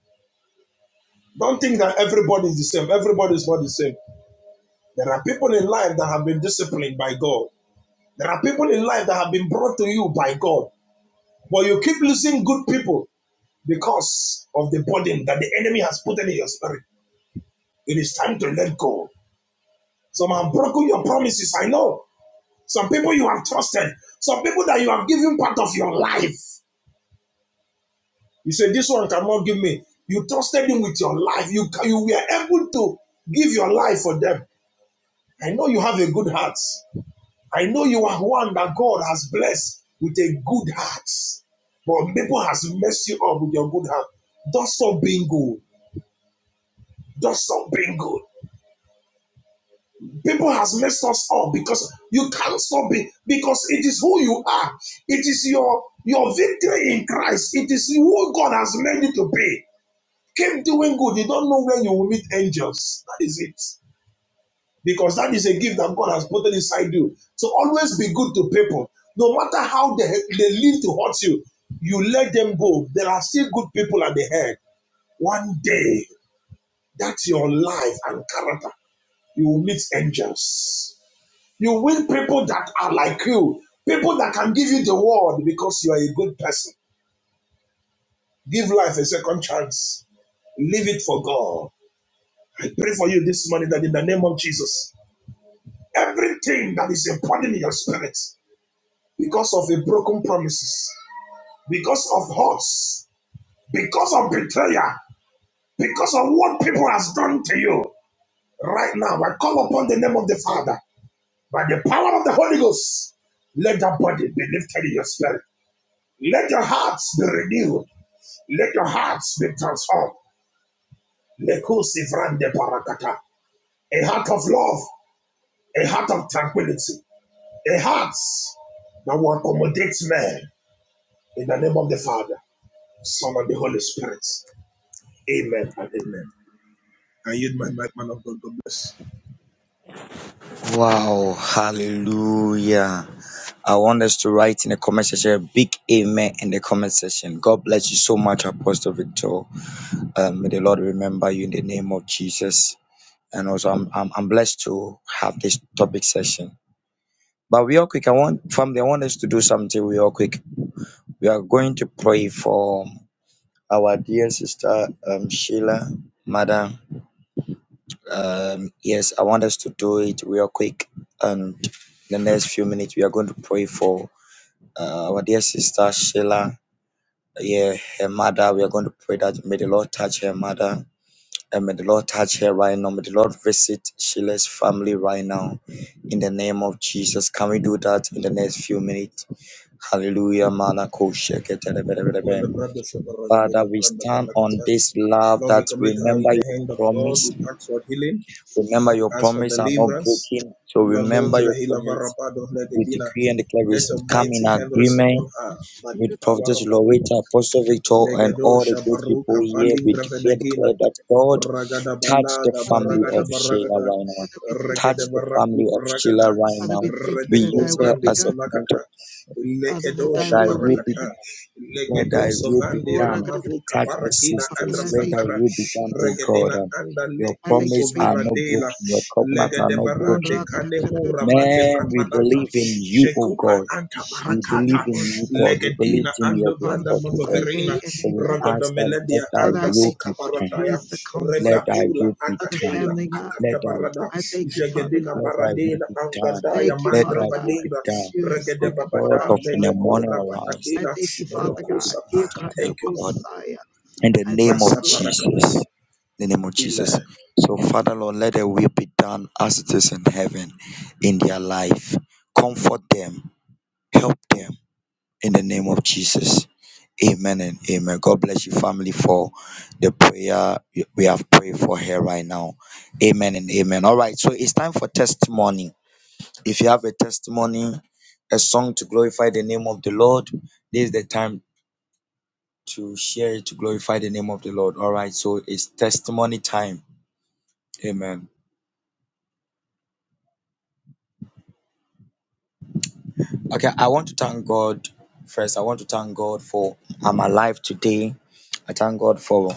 Don't think that everybody is the same. Everybody is not the same. There are people in life that have been disciplined by God. There are people in life that have been brought to you by God. But you keep losing good people because of the burden that the enemy has put in your spirit. It is time to let go. Some have broken your promises, I know. Some people you have trusted. Some people that you have given part of your life. You say, This one cannot give me. You trusted him with your life. You, you were able to give your life for them. I know you have a good heart. I know you are one that God has blessed with a good heart, but people has messed you up with your good heart. Don't stop being good. Don't stop being good. People has messed us up because you can't stop being because it is who you are. It is your your victory in Christ. It is who God has made you to be. Keep doing good. You don't know when you will meet angels. That is it. because that is a gift that God has put inside you. So always be good to people. No matter how they, they live to hurt you, you let them go. There are still good people at the head. One day, that's your life and character. You will meet angels. You will people that are like you, people that can give you the world because you are a good person. Give life a second chance leave it for God. I pray for you this morning that in the name of Jesus, everything that is important in your spirit, because of a broken promises, because of hurts, because of betrayal, because of what people has done to you. Right now, I call upon the name of the Father by the power of the Holy Ghost. Let your body be lifted in your spirit. Let your hearts be renewed. Let your hearts be transformed. A heart of love, a heart of tranquility, a heart that will accommodate men in the name of the Father, Son, and the Holy Spirit. Amen and amen. Amen.
Wow. Hallelujah. I want us to write in the comment section a big amen in the comment section. God bless you so much, Apostle Victor. Um, may the Lord remember you in the name of Jesus. And also, I'm, I'm, I'm blessed to have this topic session. But real quick, I want family, I want us to do something real quick. We are going to pray for our dear sister um, Sheila, Madam. Um, yes, I want us to do it real quick. And the next few minutes, we are going to pray for uh, our dear sister Sheila. Yeah, her mother. We are going to pray that may the Lord touch her mother and may the Lord touch her right now. May the Lord visit Sheila's family right now in the name of Jesus. Can we do that in the next few minutes? Hallelujah. Malako
Well, the
sheketerebelebelebe.
brother Shabaraga de
Father,
la
we
Branda
stand on
Balakata.
this love
Lord, we
that
commit her in
remember
the
your
hand of God.
promise
We ask for healing.
Remember,
We
your
ask for
promise are not
deliverance.
broken. So
La
remember your promise. We decree and declare we
Let your
come
mighty
in
hand rest upon
agreement
her by the
with
power of
Prophetess
the Holy
Loretta,
Ghost.
Apostle Victor, and
Legedo
all the great
Shabaru
people here.
Kapaling
We decree and
Gravenagina.
declare that God
Ragada
touch the
balaga
Father, we
family of
thank
baragada
you.
Sheila
baragada
right now.
Father, we thank you.
Touch
regede
the family
baraku
of Sheila
baragada
right
Father, we
now.
thank you
We
that
redeko
thy
use her
will be
vrande
as a
done.
point of
balakata
Father, that
lekedo
prayer.
thy
Thy
will be
will be
shabarakata
done.
done. Let
lekedo
thy will be
sovande
Father,
done.
lamaru
Touch the
kabarakina
sisters.
I
andras
Let
thank
thy
you.
kapara
will be done, O God.
regedina anda
Your
I
leko
thank you
promise
for your
are not
sovaradela
broken.
peace.
Your covenant are
legede
not
Give
broken.
barande kanemu ramande
Man, we
vrapanata
believe in you,
peace.
O
shekura
God.
anta
We believe
Shatada
barakata
in you, God.
Borsite.
We believe
legedina
in
ando
your
branda
report, O
Promises are
God.
yea
mabaverina
So
and
we
amen.
ask that let
rogodomeledia
thy
Father, I
anda
will
thank you
be
for the
done.
sukabarataya
peace, the
Let
comfort
thy
Rebapula
will be
of the
done.
Akatela
family, God.
Let thy
Akatabarada
I thank you, Father
Jagadina
God.
let thy will
Baradena
be done.
Angadaya
Thank you,
Let
Mandra
Father
thy
God,
will be
Badenga
that
done.
you have
Regede
The
spoken over
God
Babada
of
Barb's
in the
life.
Meleko
morning arise.
I
Rabatakela
thank you,
Let
Father
thy will
God.
be
Rokosapa.
done,
Ikada
O
Thank you, Lord.
God.
Bosaya.
In the
I
name
thank you,
of
Masa
Lord.
Paragada.
Jesus. In the name of Jesus.
Amen.
So Father Lord, let thy will be done as it is in heaven in their life. Comfort them. Help them in the name of Jesus. Amen and amen. God bless you, family, for the prayer we have prayed for here right now. Amen and amen. All right, so it's time for testimony. If you have a testimony, a song to glorify the name of the Lord, this is the time to share it to glorify the name of the Lord. All right, so it's testimony time. Amen. Okay, I want to thank God first. I want to thank God for I'm alive today. I thank God for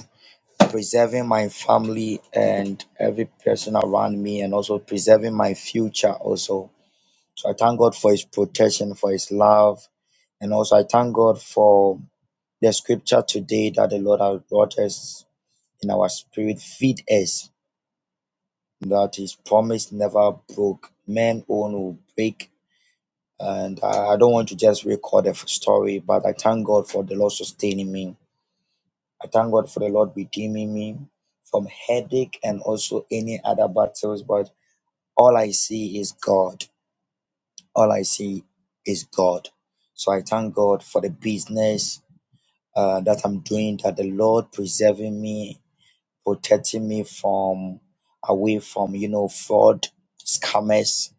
preserving my family and every person around me, and also preserving my future. Also, so I thank God for His protection, for His love, and also I thank God for the scripture today that the Lord has brought us in our spirit, feed us, that His promise never broke. Men own will break. And I I don't want to just record a story, but I thank God for the Lord sustaining me I thank God for the Lord redeeming me from headache and also any other battles. But all I see is God. All I see is God. So I thank God for the business uh, that I'm doing, that the Lord preserving me, protecting me from away from you know fraud, scammers.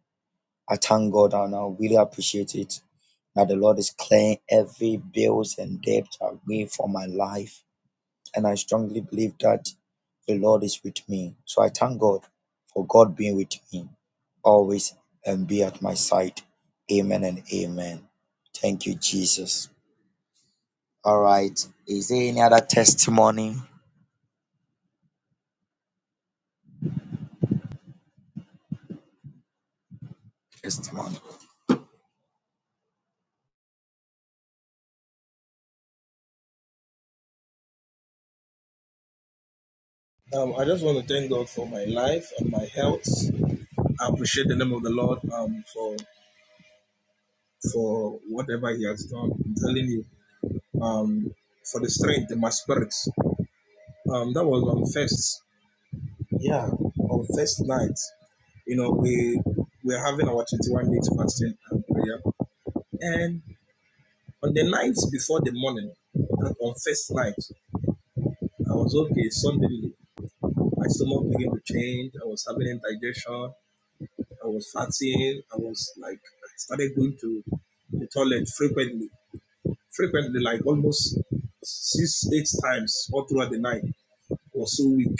I thank God and I really appreciate it that the Lord is clearing every bills and debt away from my life and I strongly believe that the Lord is with me. So I thank God for God being with me always and be at my side. Amen and amen. Thank you, Jesus. All right. Is there any other testimony? Yes.
Um, I just want to thank God for my life and my health. I appreciate the name of the Lord um, for for whatever He has done. I'm telling you, um, for the strength in my spirits. Um, that was on first, yeah, on first night. you know, we we're having our 21 days fasting and prayer. And on the night before the morning, on first night, I was okay. Suddenly, my stomach began to change. I was having indigestion. I was fatiguing. I was like, I started going to the toilet frequently, frequently, like almost six, eight times all throughout the night. I was so weak.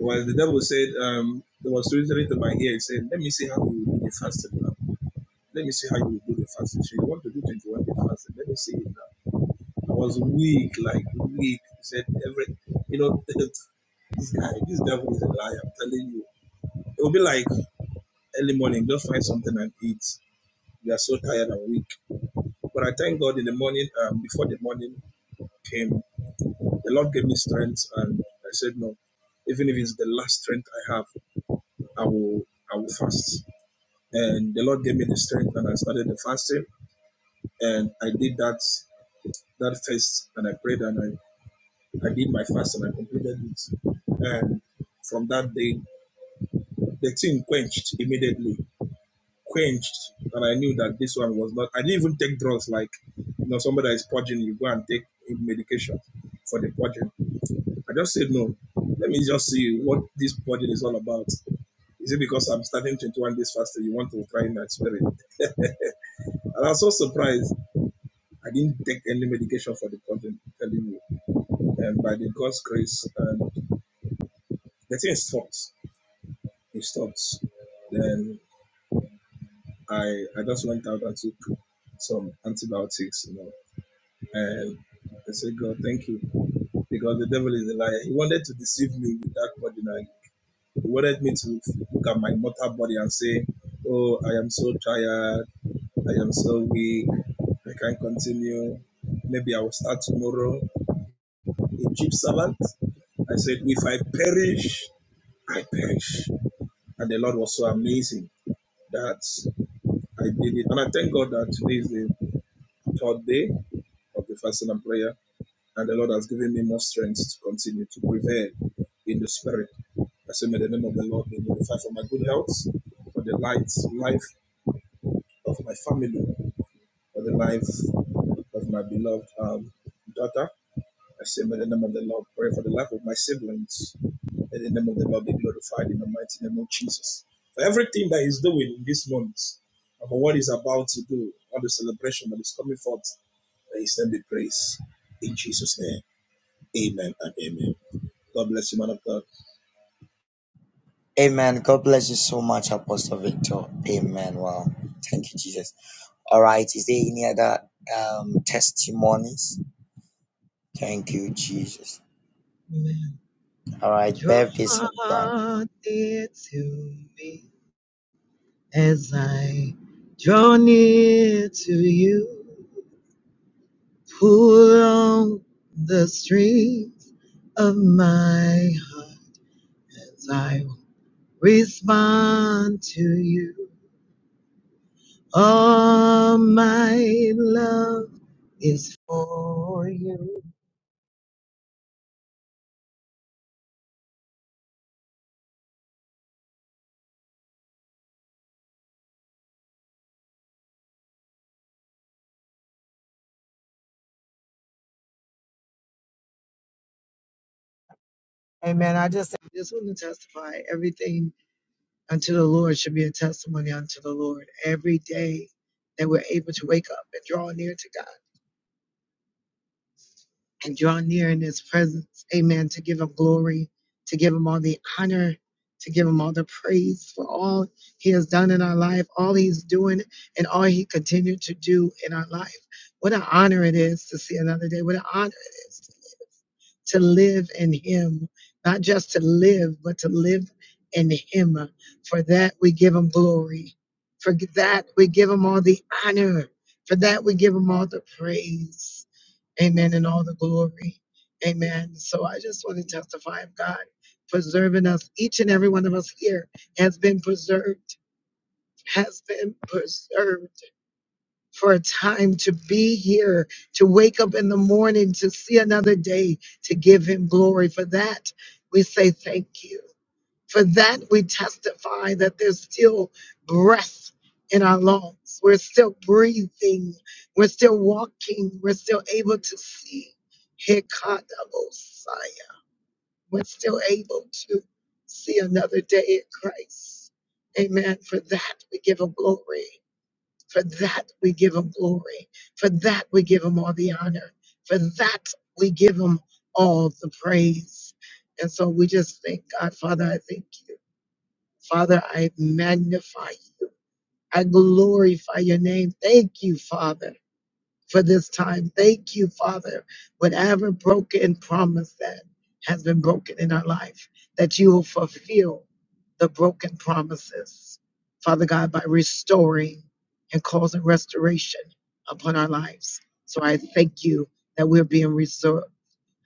Well, the devil said, um, there was reasoning to my ear. He said, let me see how you do the fasting now. Let me see how you will do the fasting. So you want to do 21 day fasting. Let me see it now. I was weak, like weak. He said every, you know, this guy, this devil is a liar. I'm telling you. It will be like early morning, just find something and eat. You are so tired and weak. But I thank God in the morning, um, before the morning came, the Lord gave me strength and I said, no, even if it's the last strength I have, I will I will fast. And the Lord gave me the strength and I started the fasting and I did that that first and I prayed and I. I did my fast and I completed it. And from that day, the thing quenched immediately, quenched. And I knew that this one was not, I didn't even take drugs like, you know, somebody that is purging, you go and take medication for the purging. I just said, no, let me just see what this purging is all about. Is it because I'm starting 21 days faster? You want to try in that spirit? And I was so surprised. I didn't take any medication for the purging, telling you. And by the God's grace, um, the thing stopped. It stopped. Then I I just went out and took some antibiotics, you know, and I said, God, thank you, because the devil is a liar. He wanted to deceive me with that body. Now. He wanted me to look at my mortal body and say, Oh, I am so tired. I am so weak. I can't continue. Maybe I will start tomorrow. A cheap servant. I said, If I perish, I perish. And the Lord was so amazing that I did it. And I thank God that today is the third day of the fasting and prayer, and the Lord has given me more strength to continue to prevail in the spirit. I say, may the name of the Lord be glorified for my good health, for the light, life of my family, for the life of my beloved um, daughter. I say, may the name of the Lord pray for the life of my siblings. May the name of the Lord be glorified in the mighty name of Jesus. For everything that He's doing in this month, and for what He's about to do, all the celebration that is coming forth May His name be praised. In Jesus' name, amen and amen. God bless you, man of God.
Amen. God bless you so much, Apostle Victor. Amen. Wow. Thank you, Jesus. All right. Is there any other um, testimonies? Thank you, Jesus.
Amen.
All right.
Draw
Birthday surprise.
near to me as I draw near to you. Pull on the strings of my heart as I respond to you. All my love is for you. Amen. I just I just want to testify everything unto the Lord should be a testimony unto the Lord. Every day that we're able to wake up and draw near to God. and draw near in his presence. Amen. To give him glory, to give him all the honor, to give him all the praise for all he has done in our life, all he's doing, and all he continued to do in our life. What an honor it is to see another day. What an honor. it is to live in him, not just to live, but to live in him. For that, we give him glory. For that, we give him all the honor. For that, we give him all the praise. Amen. And all the glory. Amen. So I just want to testify of God preserving us. Each and every one of us here has been preserved, has been preserved for a time to be here, to wake up in the morning, to see another day, to give him glory. For that, we say thank you. For that, we testify that there's still breath in our lungs. We're still breathing. We're still walking. We're still able to see. Hikadabosaya. We're still able to see another day in Christ. Amen. For that, we give him glory. For that, we give him glory. For that, we give him all the honor. For that, we give him all the praise. And so we just thank God, Father, I thank you. Father, I magnify you. I glorify your name. Thank you, Father for this time. Thank you, Father. Whatever broken promise that has been broken in our life, that you will fulfill the broken promises, Father God, by restoring and causing restoration upon our lives. So I thank you that we're being restored.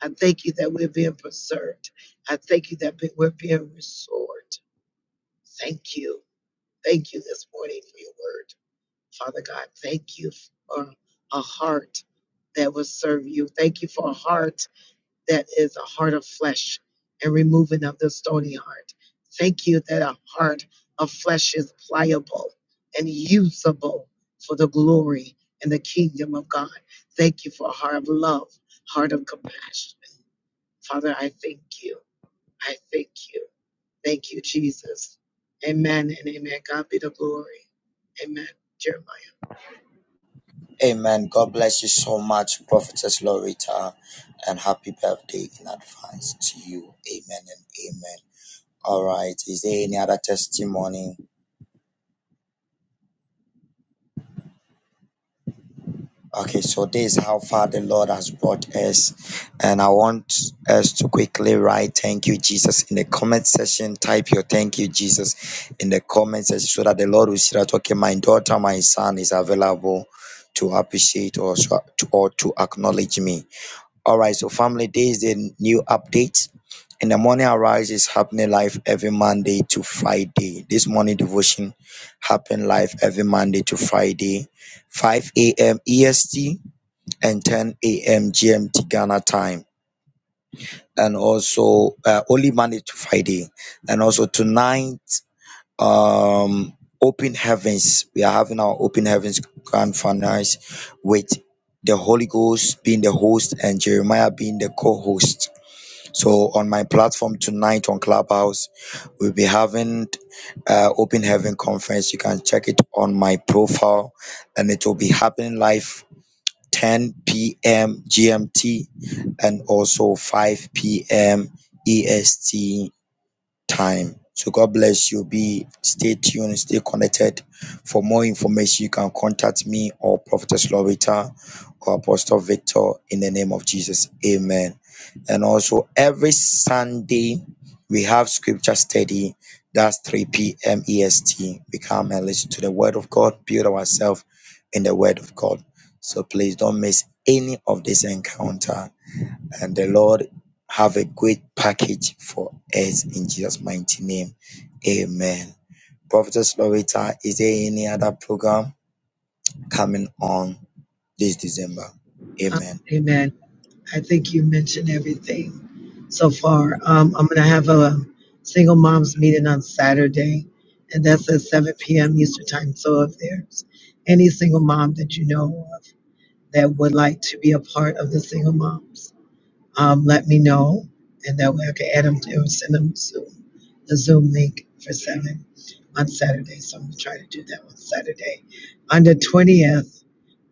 I thank you that we're being preserved. I thank you that we're being restored. Thank you. Thank you this morning for your word. Father God, thank you for a heart that will serve you. Thank you for a heart that is a heart of flesh and removing of the stony heart. Thank you that a heart of flesh is pliable and usable for the glory and the kingdom of God. Thank you for a heart of love, heart of compassion. Father, I thank you. I thank you. Thank you, Jesus. Amen and amen. God be the glory. Amen. Jeremiah.
Amen. God bless you so much, Prophetess Loretta, and happy birthday in advance to you. Amen and amen. All right. Is there any other testimony? Okay, so this is how far the Lord has brought us. And I want us to quickly write thank you, Jesus, in the comment section. Type your thank you, Jesus, in the comment section so that the Lord will see that, okay, my daughter, my son is available to appreciate or, so- to, or to acknowledge me. All right, so family, this is the new update. In the morning arise is happening live every Monday to Friday. This morning devotion happen live every Monday to Friday, 5 a.m. EST and 10 a.m. GMT Ghana time. And also uh, only Monday to Friday. And also tonight, um, open heavens. We are having our open heavens grand finals with the Holy Ghost being the host and Jeremiah being the co-host so on my platform tonight on Clubhouse, we'll be having uh, Open Heaven Conference. You can check it on my profile, and it will be happening live 10 p.m. GMT and also 5 p.m. EST time. So God bless you. Be stay tuned, stay connected. For more information, you can contact me or Prophetess Loretta or Apostle Victor in the name of Jesus. Amen. And also every Sunday we have scripture study. That's 3 p.m. EST. We come and listen to the word of God, build ourselves in the word of God. So please don't miss any of this encounter. And the Lord have a great package for us in Jesus' mighty name. Amen. Prophetess Loretta, is there any other program coming on this December? Amen.
Amen. I think you mentioned everything so far. Um, I'm going to have a single moms meeting on Saturday, and that's at 7 p.m. Eastern Time. So if there's any single mom that you know of that would like to be a part of the single moms, um, let me know, and that way I can add them to or send them Zoom, the Zoom link for 7 on Saturday. So I'm going to try to do that on Saturday. On the 20th,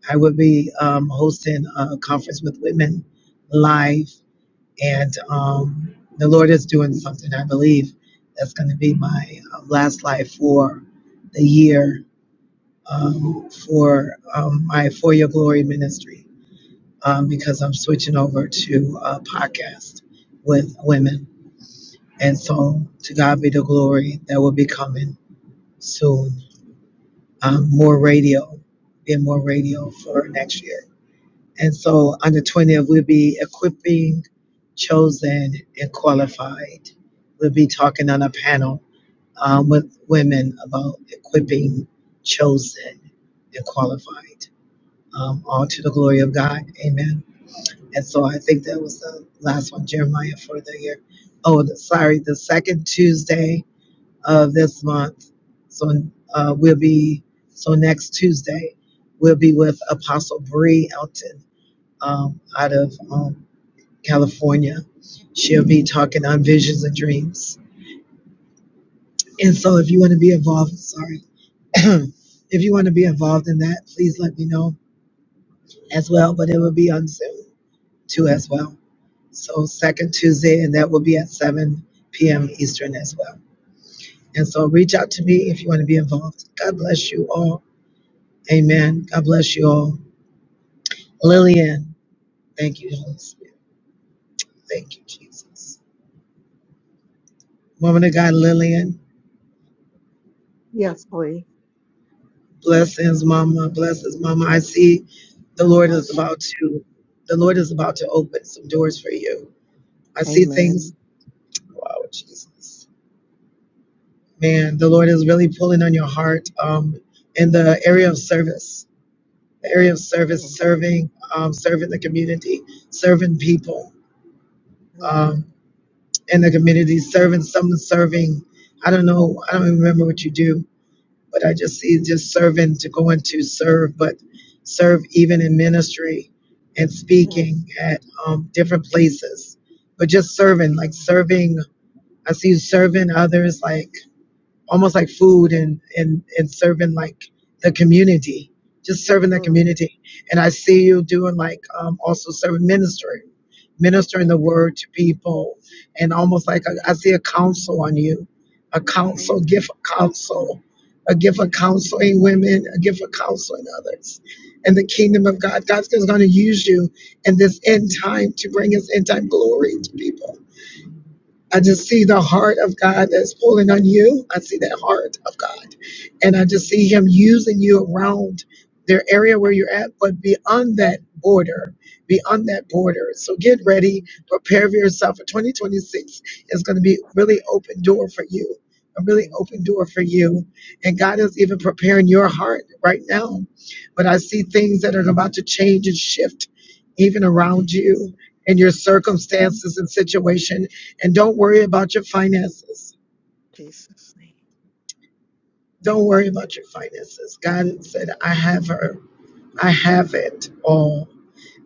I would be um, hosting a conference with women live, and um, the Lord is doing something. I believe that's going to be my um, last live for the year um, for um, my For Your Glory ministry um, because I'm switching over to a podcast with women. And so, to God be the glory that will be coming soon. Um, more radio, and more radio for next year. And so under 20th we'll be equipping, chosen, and qualified. We'll be talking on a panel um, with women about equipping, chosen, and qualified. Um, all to the glory of God. Amen. And so I think that was the last one, Jeremiah, for the year. Oh, the, sorry, the second Tuesday of this month. So uh, we'll be, so next Tuesday, we'll be with Apostle Bree Elton um, out of um, California. She'll be talking on visions and dreams. And so, if you want to be involved, sorry, if you want to be involved in that, please let me know as well. But it will be on Zoom too, as well. So, second Tuesday, and that will be at 7 p.m. Eastern as well. And so, reach out to me if you want to be involved. God bless you all. Amen. God bless you all. Lillian, thank you, Holy Spirit. Thank you, Jesus. Woman of God, Lillian.
Yes, please.
Blessings, Mama. Blessings, Mama. I see the
God
Lord is
bless you.
about to, the Lord is about to open some doors for you. I see things.
Amen.
Wow, Jesus. Man, the Lord is really pulling on your heart um, in the area of service, the area of service,
Mm,
serving, um, serving the community, serving people
mm,
um, in the community, serving someone, serving. I don't know. I don't remember what you do, but I just see just serving to go into serve, but serve even in ministry and speaking
mm,
at um, different places. But just serving, like
Amen.
serving, I see you serving others, like almost like food and and and serving
Mm,
like the community just serving the
mm,
community and i see
mm,
you doing like um, also serving ministry ministering the
Amen.
word to people and almost like a,
Mm,
I see a counsel on you a counsel
Amen.
gift of
Mm,
counsel a gift
yeah,
of counseling women a gift of counseling others and the kingdom of
Amen.
god god's going to use you in this end time to bring his end time glory to people
Amen.
I just see the heart of God that's pulling on you. I see that heart of God. And I just see Him using you around their area where you're at, but beyond that border, beyond that border. So get
Yeah.
ready, prepare yourself
Amen.
for 2026. It's going to be really open door for you, a really
In
open
Jesus'
door for you. And God is
Amen.
even preparing your heart right now. But I see things that are about to change and shift even around
Jesus.
you and your
Jesus.
circumstances and situation and don't worry about your finances.
Jesus' name.
Don't worry about your finances.
Yes,
God
please.
said, I have her. I have it all.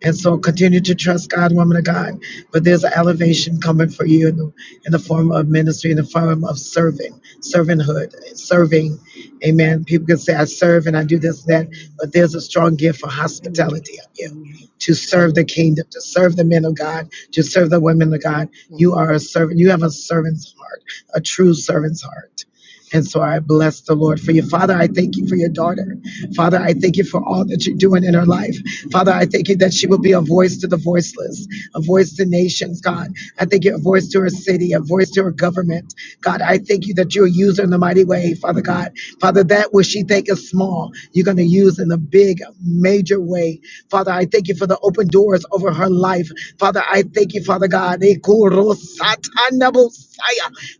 And so continue to trust God, woman of God. But there's an elevation coming for you in the, in the form of ministry, in the form of serving, servanthood, serving. Amen. People can say, I serve and I do this and that,
Amen.
but there's a strong gift for
Amen.
hospitality of you
Amen.
to serve the
Amen.
kingdom, to serve the men of God, to serve the women of God. You
Amen.
are a servant. You have a servant's heart, a true servant's heart. And so I bless the Lord for you. Father, I thank you for your daughter. Father, I thank you for all that you're doing in her life. Father, I thank you that she will be a voice to the voiceless, a voice to nations, God. I thank you, a voice to her city, a voice to her government. God, I thank you that you'll use her in the mighty way, Father God. Father, that which she think is small, you're going to use in a big, major way. Father, I thank you for the open doors over her life. Father, I thank you, Father God.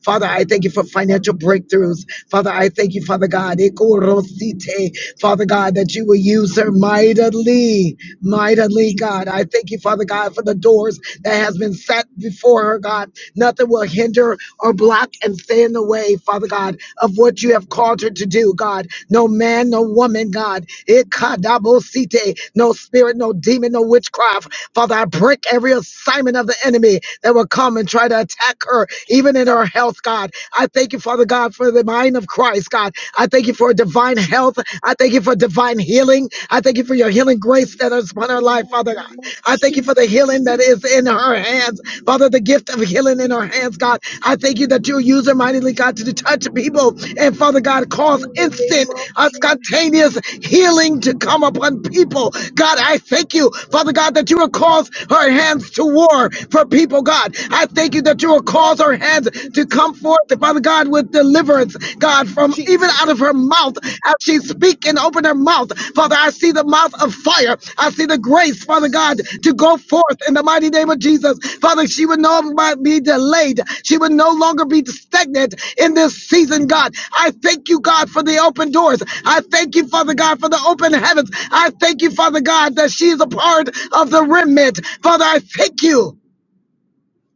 Father, I thank thank you for financial breakthroughs. Father, I thank you, Father God. Ekorosite. Father God, that you will use her mightily, mightily, God.
Jesus.
I thank you, Father God, for the doors that has been set before her, God. Nothing will hinder or block and
Jesus.
stay in the way, Father God, of what you have called her to do, God. No man, no woman, God. Ekadabosite. No spirit, no demon, no witchcraft. Father, I break every assignment of the enemy that will come and try to attack her even in her
Jesus.
health, God. I thank you, Father God, for the mind of Christ, God. I thank you for divine
Jesus.
health. I thank you for divine healing. I thank you for your healing grace that
Jesus.
is upon her
In
life,
the
Father God.
name of
I thank you for the
Jesus.
healing that is in her hands, Father, the gift of healing in her hands,
Jesus.
God. I thank you that you use her mightily, God, to touch people and, Father God, cause
In the name
instant,
of
uh,
Jesus.
spontaneous healing to come upon people. God, I thank you, Father God, that you will cause her hands to war for people, God. I. I thank you that you will cause her hands to come forth, Father God, with deliverance,
Jesus.
God, from even out
Jesus.
of her mouth as she speak and open her mouth. Father, I see the mouth of fire. I see the grace, Father God, to go forth in the mighty name of Jesus. Father, she would no longer be delayed. She would no longer be stagnant in this season, God. I thank you, God, for the open doors. I thank you, Father God, for the open heavens. I thank you, Father God, that she is a part of the remnant. Father, I thank you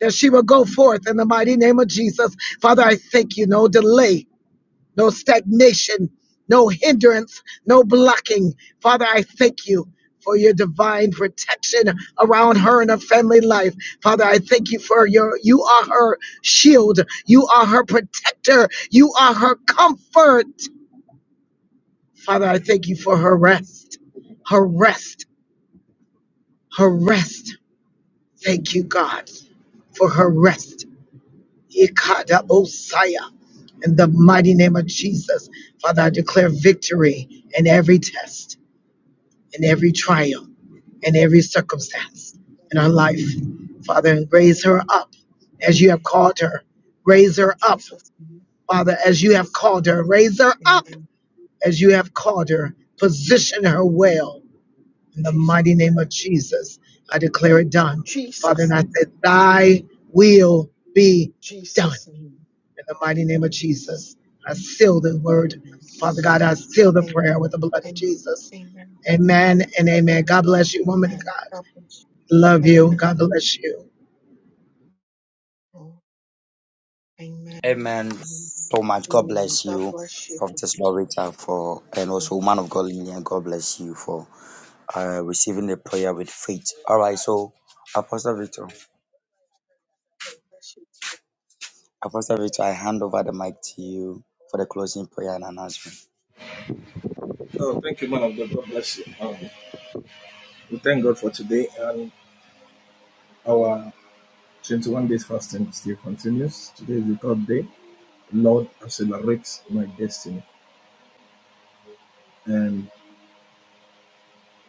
that she will go forth in the mighty name of Jesus. Father, I thank you. No delay, no stagnation, no hindrance, no blocking. Father, I thank you for your divine protection around her and her family life. Father, I thank you for your, you are her shield, you are her protector, you are her comfort. Father, I thank you for her rest, her rest, her rest. Thank you, God, for her rest. Ikadabosaya. In the mighty name of Jesus, Father, I declare victory in every test, in every trial, in every circumstance in our life. Father, and raise
Amen.
her up as you have
Amen.
called her. Raise her up,
Jesus. name.
Father, as you have
Jesus.
called her. Raise her
name.
up
Amen.
as you have called her. Position her well. In the
Jesus.
mighty name of Jesus, I declare it done. Father,
Jesus.
and I
name.
said, Thy will be done
Jesus. name.
in the mighty name of
Jesus.
Jesus, I seal the
name.
word. Father God, I seal the prayer with
Amen.
the blood of
Amen.
Jesus.
Amen.
Amen and amen. God bless you, woman of
Amen.
God.
God bless
Love
you.
you.
Amen.
God bless you.
Oh, amen.
Amen.
Amen.
So much. God
Amen.
bless
God
you,
bless you.
Prophetess Loretta, for and
God
also man of God Lillian. God bless you for uh, receiving the prayer with faith. All right. So, Apostle Victor,
bless you.
Apostle Victor, I hand over the mic to you for the closing prayer and announcement.
Oh, thank you, man of God. God bless you. Um, we thank God for today, and our 21 days fasting still continues. Today is the third day. Lord, accelerate my destiny. And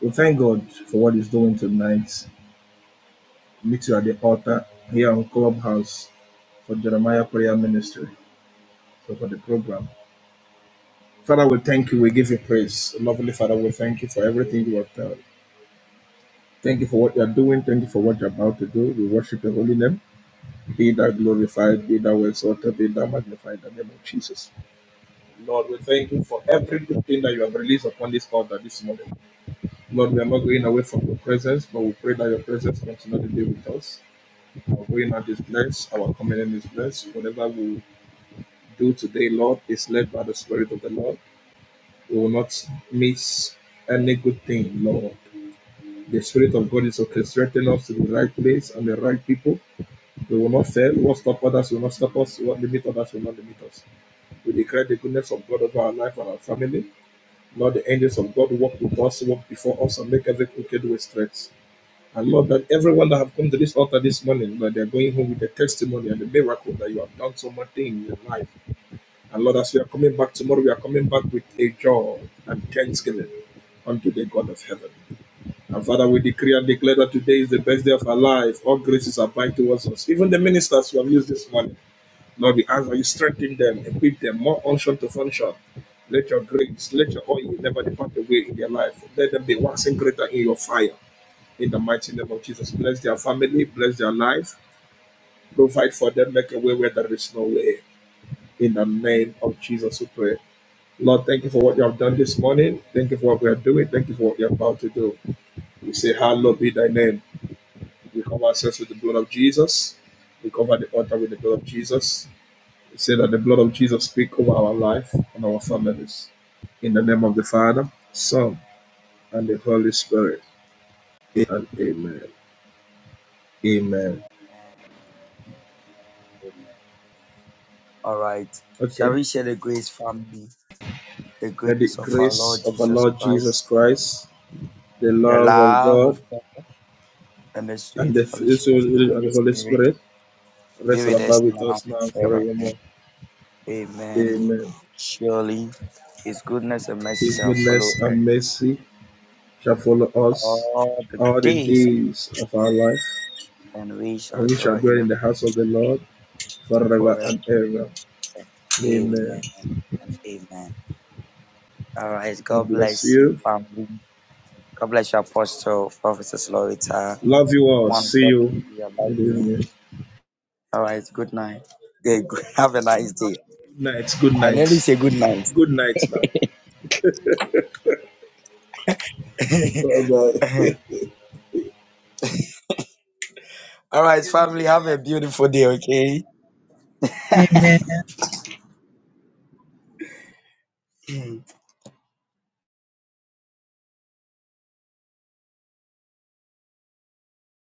we thank God for what He's doing tonight. Meet you at the altar here on Clubhouse for Jeremiah Prayer Ministry, so for the program. Father, we thank you. We give you praise. Lovely Father, we thank you for everything you have done. Thank you for what you are doing. Thank you for what you're about to do. We worship your holy name. Be thou glorified, be thou exalted, be thou magnified in the name of Jesus. Lord, we thank you for every good thing that you have released upon this altar this morning. Lord, we are not going away from your presence, but we pray that your presence continue to be with us. Our going out is blessed, our coming in is blessed. Whatever we do today, Lord, is led by the Spirit of the Lord. We will not miss any good thing, Lord. The Spirit of God is orchestrating us to the right place and the right people. We will not sell. What stop others We will not stop us. What limit others We will not limit us. We declare the goodness of God over our life and our family. Lord, the angels of God walk with us, walk before us, and make every crooked way straight. And Lord, that everyone that have come to this altar this morning, that they are going home with the testimony and the miracle that you have done so much in your life. And Lord, as we are coming back tomorrow, we are coming back with a joy and thanksgiving unto the God of heaven. And Father, we decree and declare that today is the best day of our life. All graces abide towards us. Even the ministers who have used this morning. Lord, we ask that you strengthen them, equip them, more unction to function. Let your grace, let your oil never depart away in their life. Let them be waxing greater in your fire. In the mighty name of Jesus, bless their family, bless their life, provide for them, make a way where there is no way. In the name of Jesus, we pray. Lord, thank you for what you have done this morning. Thank you for what we are doing. Thank you for what you're about to do. We say, Hallowed be thy name. We cover ourselves with the blood of Jesus. We cover the altar with the blood of Jesus. We say that the blood of Jesus speak over our life and our families. In the name of the Father, Son, and the Holy Spirit. And amen. Amen.
Amen. Amen. All right. Shall
Okay.
we share the grace, family? The
May the
grace of our
grace
Lord
of our
Jesus
Lord
Christ,
Jesus Christ, the
the
love of
love
God,
of God, and the
and
sweet
the
fellowship
fellowship
of the
of
Holy
the Holy
Spirit
Spirit
be
rest and
with us
abide with
now
us now
and
and
forever.
forevermore.
Amen.
Amen.
Surely His goodness and mercy
His
shall follow
goodness
us
and mercy shall follow us
all the
all the
days,
days of our life,
and we shall
and we
dwell
shall
in
dwell
the
in the
house
house of the Lord forever
forever.
and ever.
Amen
Amen.
and amen. All right.
God
God
bless
bless you,
you.
family. God bless you, Apostle, Professor Slorita.
Love you all.
One
See
God,
you.
we love
Good
you.
evening.
All right, good night. Okay, good- have a nice day.
Good night. Good
I nearly
night.
say good night.
Good night now. Bye bye.
All right, family, have a beautiful day, okay?
Amen.